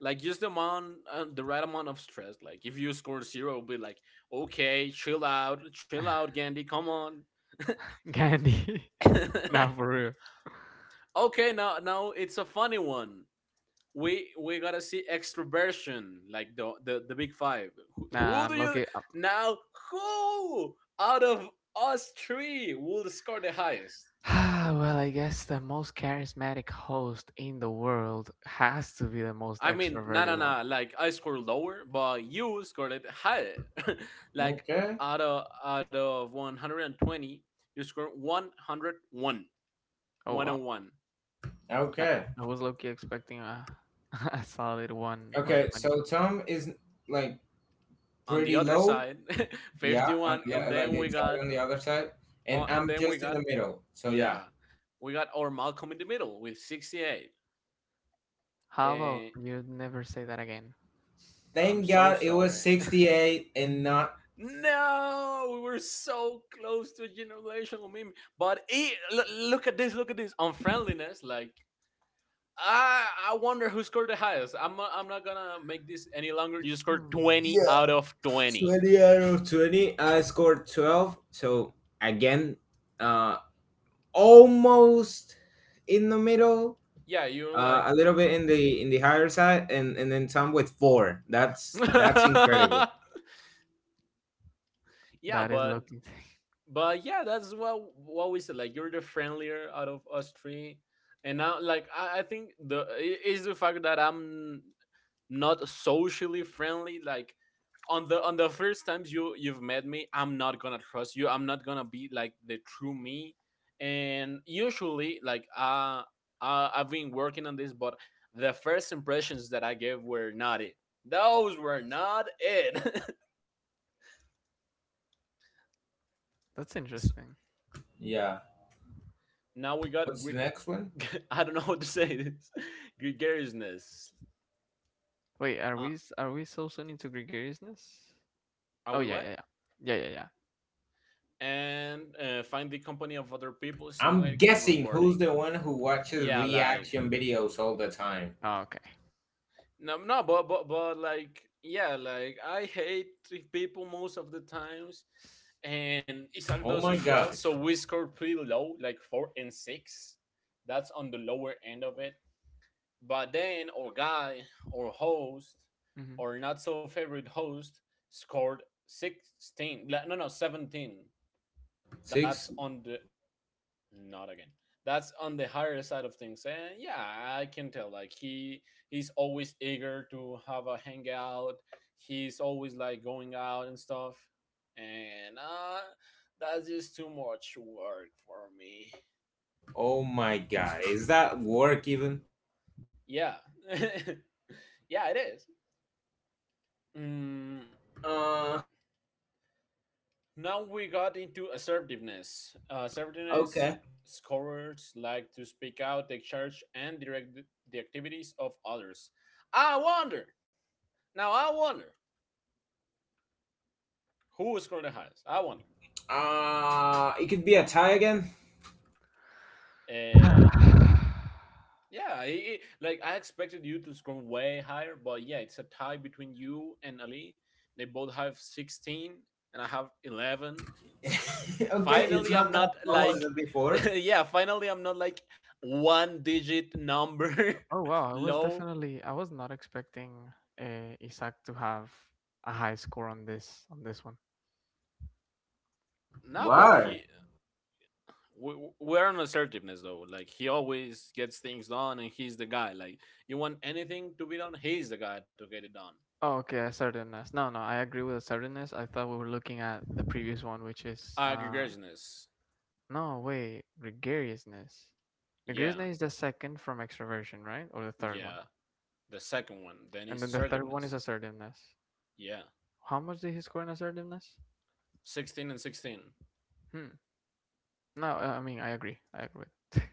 Like just the amount, uh, the right amount of stress. Like if you score zero, it'll be like, okay, chill out, chill out, Gandhi, come on. Gandhi. Nah, for real. Okay, now now it's a funny one. We we gotta see extroversion, like the the, the big five. who, Nah, Who I'm do you... lucky. Now, who out of us three will score the highest? Ah, well, I guess the most charismatic host in the world has to be the most I mean, not extroverted on one. a... like, I scored lower, but you scored it higher. Like, Okay. out of out of one hundred and twenty, you scored one hundred one, Oh, one one wow. and one. I Okay. I was lucky expecting a a solid one Okay. 120. So But Tom is like On the pretty other low. side, Yeah. And fifty-one, and li- like then we exactly got on the other side. uh, And and I'm then we just in got the middle. So yeah. yeah, we got our Malcolm in the Middle with sixty-eight. how about And you never say that again? I'm Thank so God it sorry. was sixty-eight and not. No, we were so close to a generational meme. But it, l- look at this, look at this unfriendliness. Like I I wonder who scored the highest. I'm not, I'm not gonna make this any longer. You scored Hmm. twenty out Yeah. of twenty. twenty out of twenty. I scored twelve. So again, uh, almost in the middle, Yeah, you're uh, like... a little bit in the in the higher side, and and then some with four. That's that's incredible. Yeah, That is but lucky. but yeah, that's what what we said. Like you're the friendlier out of us three. And now, like, I, I think the... is the fact that I'm not socially friendly. Like on the on the first times you you've met me, I'm not gonna trust you. I'm not gonna be like the true me. And usually, like, uh, uh I've been working on this, but the first impressions that I gave were not it. Those were not it. That's So interesting. Yeah. now we got What's the next one? Gre- I don't know how to say this. Gregariousness. Wait, are Uh, we s- are we so soon into gregariousness? are Oh we yeah, yeah, what yeah, yeah, yeah, yeah. And uh, find the company of other people I'm stimulating and guessing who's rewarding. the one who watches Yeah, like... reaction videos all the time. Oh, okay. No, no, but but but like, yeah, like I hate three people most of the times, and Isaac Oh does my as well. god. So we score pretty low, like four and six. That's on the lower end of it. But then our guy, or host, Hmm. or not so favorite host scored sixteen. la- No, no, seventeen. That's Six. on the... not again. That's on the higher side of things, and yeah, I can tell. Like he, he's always eager to have a hangout. He's always like going out and stuff, and uh, that's just too much work for me. Oh my god. Is that work even? Yeah, yeah, it is. Mm, Uh. now we got into assertiveness. Uh, assertiveness Okay. scorers like to speak out, take charge, and direct the the activities of others. I wonder Now I wonder who will the highest. I wonder. Uh. It could be a tie again. Uh, yeah, yeah. It, it- like I expected you to score way higher, but yeah, it's a tie between you and Ali. They both have sixteen, and I have eleven. okay, it's Finally, I'm not that not low as like, before. yeah. Finally, I'm not like one digit number Oh wow, I was low. definitely I was not expecting uh, Isaac to have a high score on this on this one. Nah, but Why? he... we- we- We're on assertiveness though. Like he always gets things done, and he's the guy. Like you want anything to be done, he's the guy to get it done. Oh okay, assertiveness. No, no, I agree with assertiveness. I thought we were looking at the previous one, which is uh Aggressiveness. No way, gregariousness. Yeah, Gregariousness is the second from extroversion, right? Or the third yeah. one. The second one. Then And it's then the third one is assertiveness. assertiveness. Yeah. How much did he score in assertiveness? sixteen and sixteen. Hmm. No, uh, I mean, I agree. I agree with.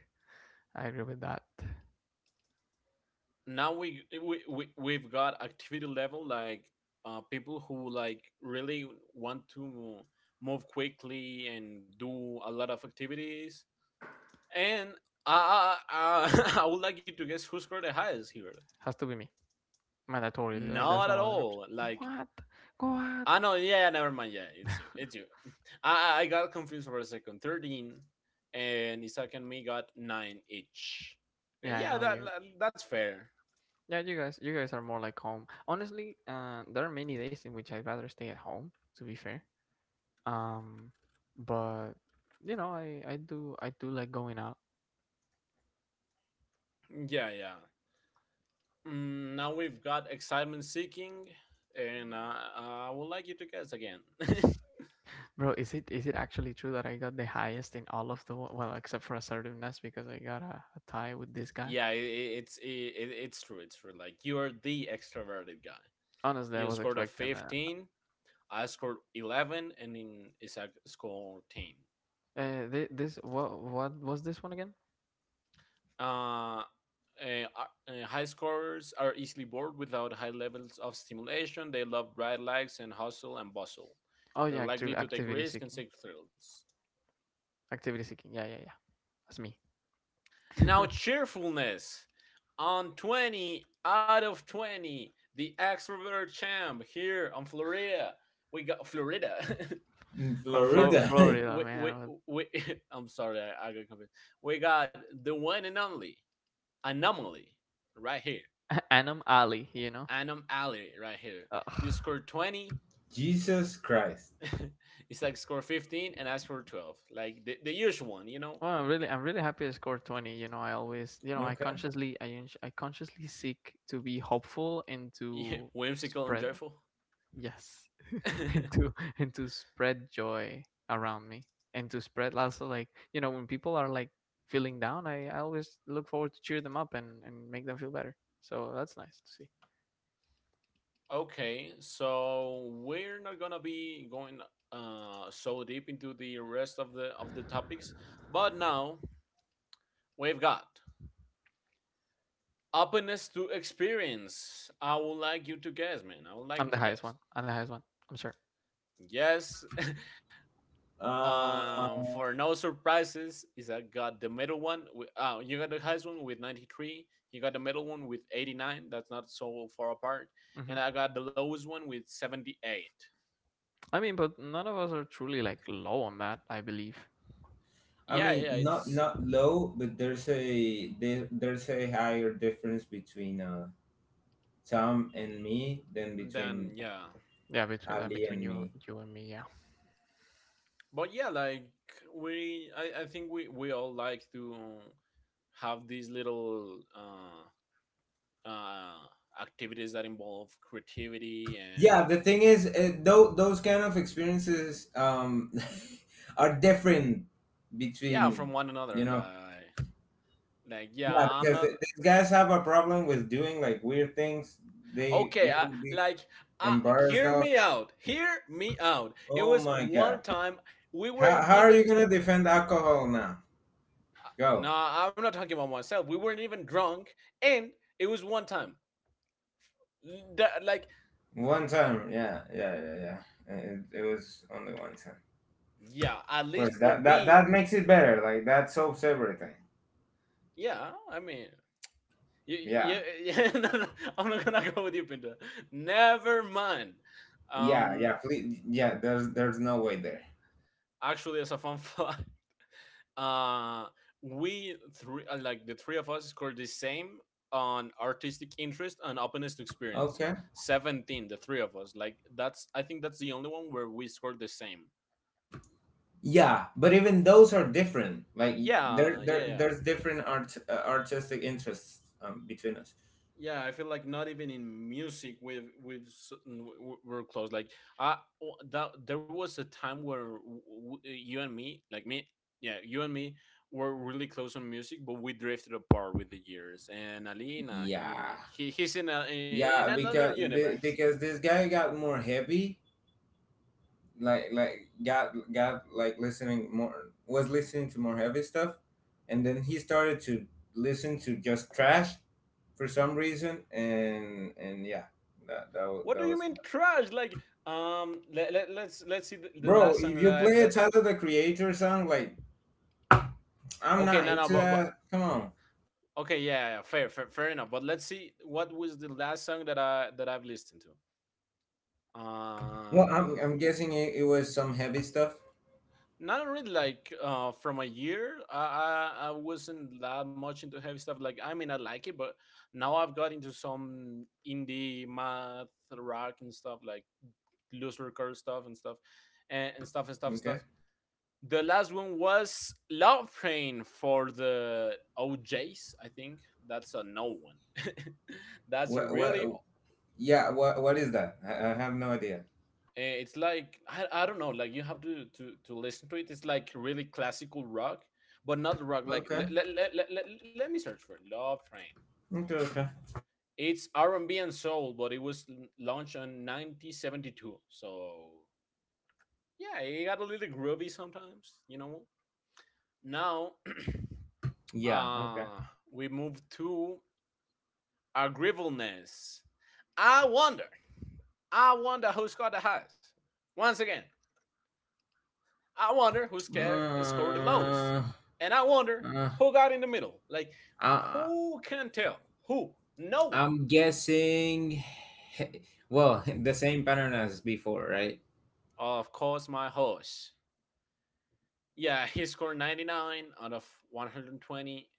I agree with that. Now we we, we we've got activity level. Like uh, people who like really want to move quickly and do a lot of activities. And uh, uh, I would like you to guess who scored the highest here. Has to be me. Mandatory. Like Not there's at no other option. all. Like... What? What? Ah no, yeah, never mind. Yeah, it's you. It's you. I I got confused for a second. Thirteen, and Isaac and me got nine each. Yeah, And I know yeah, that you. that- that's fair. Yeah, you guys, you guys are more like home. Honestly, uh, there are many days in which I'd rather stay at home. To be fair, um, but you know, I I do I do like going out. Yeah, yeah. Mm, now we've got excitement seeking, and uh, I would like you to guess again. Bro, is it is it actually true that I got the highest in all of the wo- well, except for assertiveness because I got a, a tie with this guy. Yeah, it, it's i it, it's true. It's true. Like you are the extroverted guy. Honestly, I You was scored a expecting that. fifteen. I scored eleven, and then Isaac scored ten. Uh, thi- this what what was this one again? Uh, uh, uh, High scorers are easily bored without high levels of stimulation. They love bright lights and hustle and bustle. Oh yeah, They're active likely to take activity risks and seeking, seek thrills. activity seeking. Yeah, yeah, yeah. That's me. Now, cheerfulness. On twenty out of twenty, the extrovert champ here on Florida. We got Florida. In Bro. On Flo- Florida. Florida. Florida We, we, man, we, I'm sorry, I, I got confused. We got the one and only anomaly right here. with Anum Ali. You know. Anum Alley right here. You Ugh. scored twenty, Jesus Christ. it's like score fifteen, and I scored twelve. Like the, the usual one, you know? Well, I'm really I'm really happy I scored twenty. You know, I always you know I Okay. consciously I uns- I consciously seek to be hopeful and to Whimsical and spread— joyful. Yes. and to And to spread joy around me, and to spread also, like, you know, when people are like feeling down, I, I always look forward to cheer them up and and make them feel better, so that's nice to see. Okay, so we're not gonna be going uh, so deep into the rest of the of the topics, but now we've got openness to experience. I would like you to guess, man. I would like I'm you the to highest one guess. I'm the highest one I'm sure. Yes. Uh, Um, for no surprises, is I got the middle one. With, uh, you got the highest one with ninety-three. You got the middle one with eighty-nine. That's not so far apart. Hmm. And I got the lowest one with seventy-eight. I mean, but none of us are truly like low on that, I believe. I Yeah, mean, yeah, not it's... not low, but there's a there, there's a higher difference between uh, Tom and me than then between yeah. Yeah, between that Ali between and you me. you and me, yeah. But yeah, like we, I, I think we we all like to have these little uh, uh, activities that involve creativity Yeah, and... the thing is, uh, though those kind of experiences um, are different yeah, from between one another. you know Like... like yeah, Yeah, I'm because not... th- these guys have a problem with doing like weird things. They Okay, they I, will be like, uh, embarrassed hear of. me out. Hear me out. It Oh was my god! one time. We How weren't how are even. you gonna Uh, defend alcohol now? Go nah, I'm not talking about myself. We weren't even drunk, and it was one time. That, like, one time. Yeah, yeah, yeah, yeah. It, it was only one time. yeah, at Of least course, for that that me, that makes it better. Like that solves everything. yeah. I mean, you, you, Yeah, yeah. No, no, I'm not gonna go with you, Pinta. Never mind. yeah, Um, yeah. Please, yeah. There's there's no way there. actually, as a fun fact, uh we three, uh, like the three of us scored the same on artistic interest and openness to experience, Okay. seventeen. The three of us. Like, that's, I think that's the only one where we scored the same. Yeah, but even those are different. Like y- there yeah yeah there yeah there's different art uh, artistic interests um, between us. yeah I feel like not even in music we've we've s- n- w- we're close. Like i w- that there was a time where w- w- you and me, like me... yeah, you and me were really close on music, but we drifted apart with the years. And Alina, Yeah, he, he he's in a in yeah, another because be- universe. because this guy got more heavy, like like got got like listening more was listening to more heavy stuff, and then he started to listen to just trash for some reason, and and yeah, that that was, What do that you was mean trash? Like, um, let, let, let's let's see the, the bro. last song If that, you I, play a that... Tyler the Creator song, like I'm Okay, no, not no, into but, but... that. Come on. okay, yeah, yeah, fair, fair fair enough. But let's see, what was the last song that i that I've listened to? Well, I'm Uh, I'm guessing it, it was some heavy stuff. not really, like, uh, from a year. I, I I wasn't that much into heavy stuff. Like, I mean, I like it, but now I've got into some indie math rock and stuff, like looser curve stuff and stuff and, and stuff and stuff and Okay. stuff. The last one was Love Train for the O Js. I think that's a no one. That's a What what? really... Yeah. What what is that? I, I have no idea. eh, it's like, I, I don't know, like you have to, to to listen to it. It's like really classical rock, but not rock. Like, Okay. let, let, let, let, let, let me search for Love Train. Okay, okay. It's R&B and B and soul, but it was l- launched in nineteen seventy-two. So yeah, it got a little groovy sometimes, you know. Now, Yeah, okay. uh we move to agreeableness. i wonder I wonder who's the highest. Once again, I wonder who scared, scored the lowest, Uh, and I wonder uh, who got in the middle. Like, I, who can tell? Who? No one. I'm guessing, well, the same pattern as before, right? Of course, my horse. Yeah, he scored ninety-nine out of one hundred and twenty.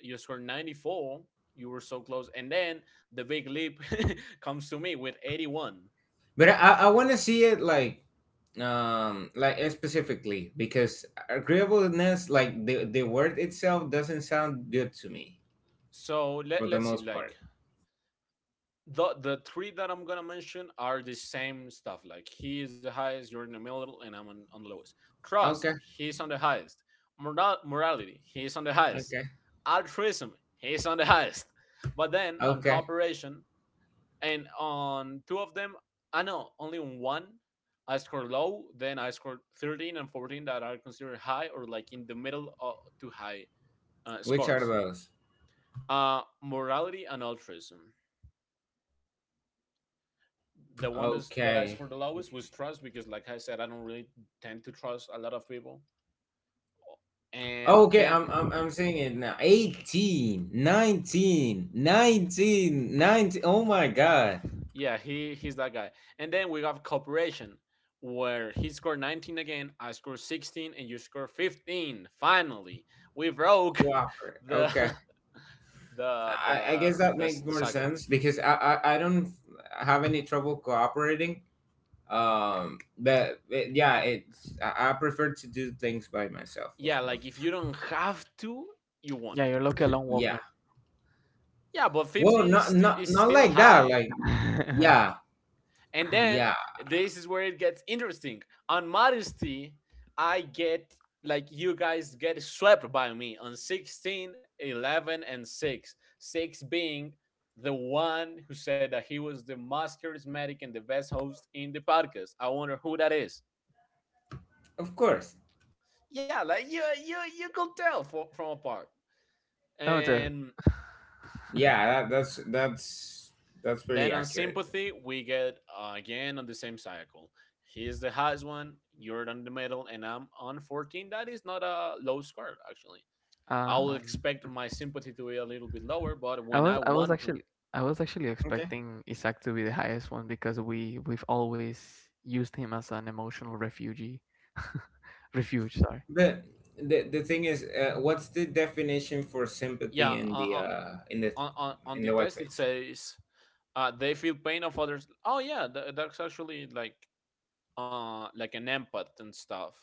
You scored ninety-four. You were so close. And then the big leap comes to me with eighty-one. But I, I want to see it like, um, like eh, specifically because agreeableness, like the the word itself, doesn't sound good to me So, for let, the let's see. most Like, part. the the three that I'm gonna mention are the same stuff. Like he is the highest, you're in the middle, and I'm on, on the lowest. Trust, Okay, he's on the highest. Moral, morality, he's on the highest. okay, Altruism, he's on the highest. But then on okay. cooperation and on two of them, I know only on one I scored low. Then I scored thirteen and fourteen that are considered high or like in the middle of, to high, uh, Which are scores. those? Uh, morality and altruism. The one that's, that I scored Okay, the lowest was okay. trust because, like I said, I don't really tend to trust a lot of people. And Okay, then, I'm I'm I'm saying it now. eighteen, nineteen, nineteen, nineteen. Oh my god. yeah, he he's that guy. And then we have cooperation, where he scored nineteen again, I scored sixteen, and you scored fifteen. Finally, we broke Whopper. the Okay. the I, I the guess that the makes the more cycle. sense because I, I, I don't have any trouble cooperating. Um but it, yeah, Y- it's I, I prefer to do things by myself for Yeah, the most like if you don't have to, you won't. Yeah, you're lucky, a lone wolf, Yeah. Yeah, but Well, fifteen is not sti- not is not still like that. high. Like man. yeah, And then yeah. this is where it gets interesting. On modesty, I get like you guys get swept by me on sixteen, eleven, and six. six being the one who said that he was the most charismatic and the best host in the podcast. I wonder who that is. Of course. Yeah, like you you you could tell for, from apart. No, it's a, And Yeah, that, that's that's that's then pretty on accurate. sympathy, we get uh, again on the same cycle. He is the highest one, you're on the middle, and I'm on fourteen. That is not a low score, actually. I will um expect my sympathy to be a little bit lower, but I when I was I was want to. actually I was actually Okay. expecting Isaac to be the highest one because we we've always used him as an emotional refugee, refuge. Sorry, But the the thing is, uh, what's the definition for Yeah, sympathy in the uh, uh, uh, in the on, on, on in the the test it webpage? says uh, they feel pain of others. Oh yeah, tha- that's actually like uh like an empath and stuff.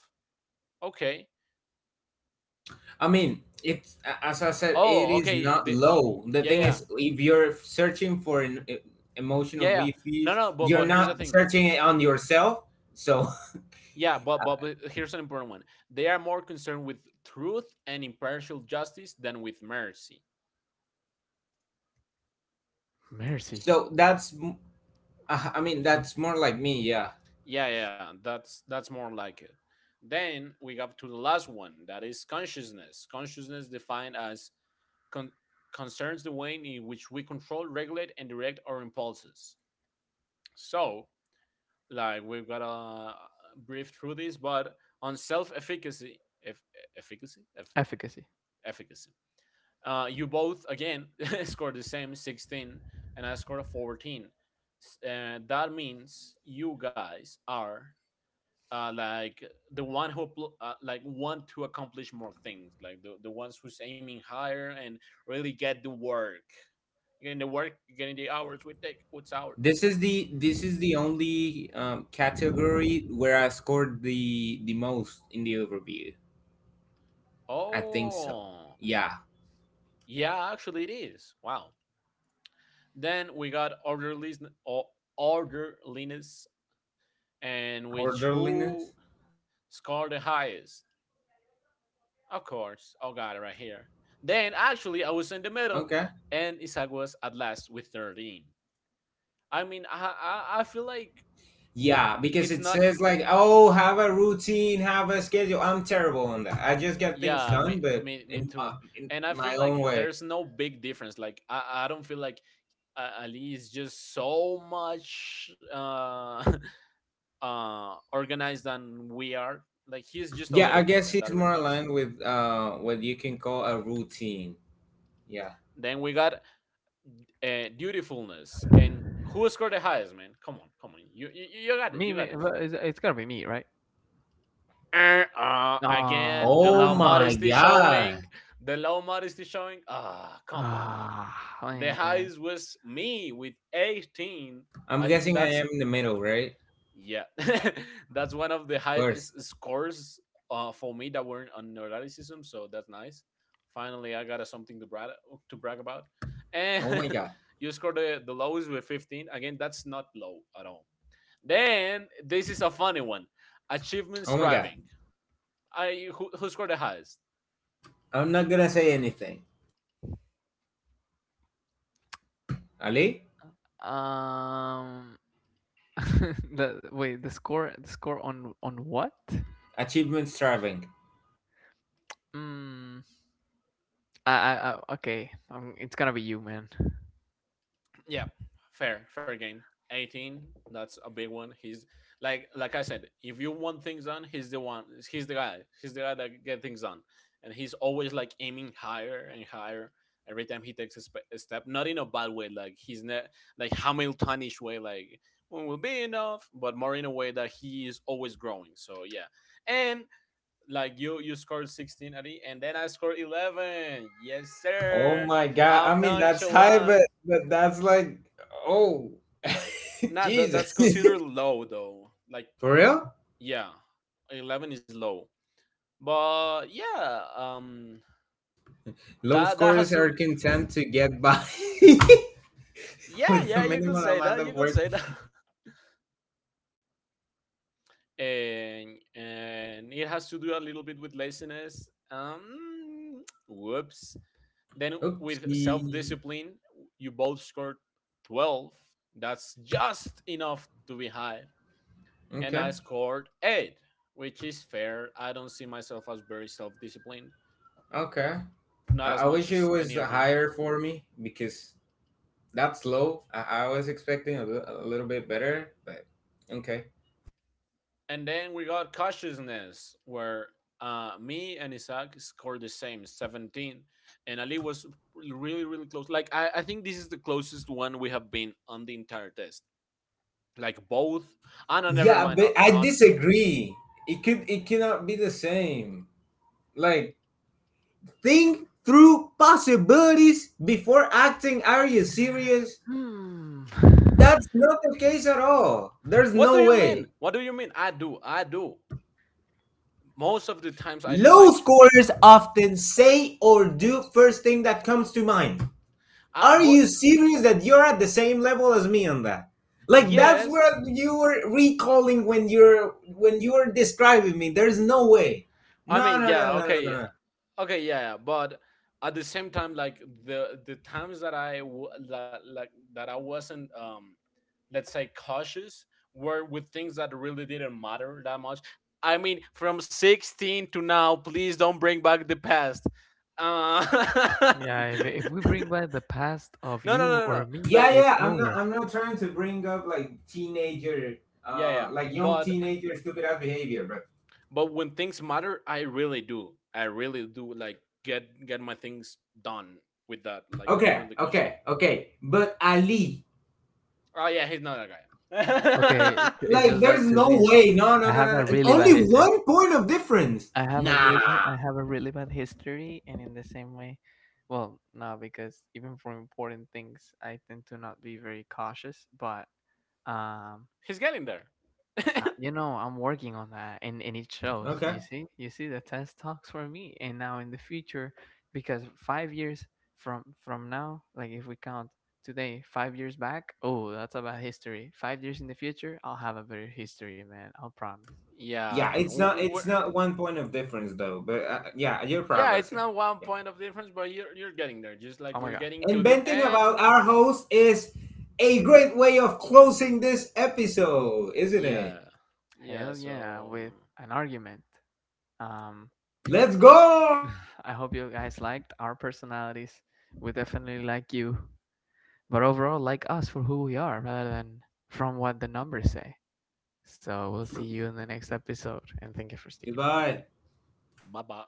Okay. I mean, it's a- as I said, it Oh, is okay. not The, low. The yeah, yeah, thing yeah, is, if you're searching for an e- emotional yeah. No, refuge, no. But you're but here's the not thing. searching it on yourself. So Yeah, but, but but here's an important one. They are more concerned with truth and impartial justice than with mercy. mercy, so that's m- uh, I mean that's more like me. Yeah, Yeah, yeah, yeah, that's that's more like it. Then we got to the last one, that is consciousness. Consciousness defined as con- concerns the way in which we control, regulate, and direct our impulses. So, like we've got to brief through this, but on self-efficacy, eff- efficacy, eff- efficacy. efficacy, Uh, you both again scored the same sixteen, and I scored a fourteen. Uh, that means you guys are uh, like the one who uh, like want to accomplish more things, like the, the ones who's aiming higher and really get the work, getting the work, getting the hours we take. What's our? this is the this is the only um, category where I scored the the most in the overview. I think so. Oh, Yeah. yeah, actually it is. Wow. Then we got orderliness, o- orderliness, and which Orderliness. who score the highest. Of course, I got it right here. Then actually, I was in the middle, Okay. and Isaac was at last with thirteen. I mean, I I, I feel like w- Yeah, because it's it not. says like, oh, have a routine, have a schedule. I'm terrible on that. I just get things Yeah, me, done, but me me in, uh, too. in And I feel my own like way. there's no big difference. Like I, I don't feel like uh, Ali is just so much uh, uh, organized than we are. Like he's just a Yeah, I little bit, guess and he's that more reflects. aligned with uh, what you can call a routine. Yeah. Then we got uh, dutifulness, and who scored the highest, man? Come on, come on, you you, you got this, Me, you me, got this. but it's, it's gotta be me, right? Uh, uh, again, Ah, the Oh low nah. my modesty god. showing, the low modesty showing. Ah, come on. Ah, The man. highest was me with eighteen. I'm I think guessing I that's, am in the middle, right? yeah, that's one of the Of highest course. scores uh, for me that weren't on neuroticism, so that's nice. Finally, I got a, something to brag to brag about. And Oh my god. you scored the, the lowest with fifteen. Again, that's not low at all. Then this is a funny one: achievement Oh my god. striving. I who, who scored the highest? I'm not gonna say anything. Ali, Um, the Wait, the score, the score on on what? achievement striving. Hmm. I, I, I okay. Um, it's gonna be you, man. Yeah, fair, fair game. eighteen, that's a big one. He's like like I said, if you want things done, he's the one. He's the guy. He's the guy that get things done, and he's always like aiming higher and higher. Every time he takes a, sp- a step, not in a bad way, like he's not like Hamiltonish way, like when will be enough, but more in a way that he is always growing. So yeah, and like you, you scored sixteen, Adi, and then I scored eleven. Yes, Oh sir. my God. I I'm mean, that's high, but, nonchalant. but that's like, oh, Nah, that, Jesus. that's considered low though. Like, For real? yeah, eleven is low. But yeah, um, Low that that has scorers to. are content to get by Yeah, yeah, with a you could minimal say that. amount You of could work. say that. and and it has to do a little bit with laziness. Um, whoops. Then with self Oopsie. discipline, you both scored twelve. That's just enough to be high. And I Okay. scored eight, which is fair. I don't see myself as very self disciplined, Okay. I, not as I much wish it as was any of you. higher for me because that's low. I, I was expecting a li- a little bit better, but okay. And then we got cautiousness, where uh, me and Isaac scored the same, seventeen. And Ali was really, really close. Like, I, I think this is the closest one we have been on the entire test. Like, both. Ah, no, never Yeah, mind. On, but I on disagree. It could it cannot be the same. Like Think through possibilities before acting. Are you serious? Hmm. That's not the case at all. There's What do no you mean? way. What do you mean? I do. I do. Most of the times I do, Low like, scorers often say or do first thing that comes to mind. I, Are you but serious that you're at the same level as me on that? Like that's yes. what you were recalling when you're when you were describing me. There's no way. I No, mean, no, no, yeah, no, no, no, okay, no. okay, yeah, yeah, but at the same time, like, the the times that I w- that like that I wasn't, um let's say, cautious, were with things that really didn't matter that much. I mean, from sixteen to now, please don't bring back the past. uh Yeah, if if we bring back the past of no, no, you no, or no. me, Yeah, yeah, Like, it's yeah. I'm not. over. I'm not trying to bring up like teenager, yeah, uh, yeah, like young but teenager stupid ass behavior, but but when things matter, I really do, i really do like get get my things done with that. Like, I'm okay, really cautious. okay, okay. But Ali, Oh yeah, he's not Okay, that guy. it- it's like, just that there's to no this, way. No, I no, no, have no, a no. really Only bad history. one point of difference. I have a Nah. really, I have a really bad history, and in the same way, well, no, because even for important things, I tend to not be very cautious. But um, He's getting there. uh, you know, I'm working on that, and and it shows. You Okay. see, you see the test talks for me, and now in the future, because five years from from now, like if we count today, five years back, oh, that's about history. Five years in the future, I'll have a better history, man. I'll promise. Yeah, Yeah. it's not. It's we're- not one point of difference though. But uh, yeah, you're yeah, it's progressing. not one Yeah. point of difference, but you're you're getting there. Just like Oh my we're god, getting to the Inventing about end. our host is a great way of closing this episode, isn't Yeah. it? Yeah. hell yeah, So with an argument. Um, Let's go. I hope you guys liked our personalities. We definitely like you, but overall, like us for who we are rather than from what the numbers say. So we'll see you in the next episode, and thank you for sticking around. Goodbye. bye bye.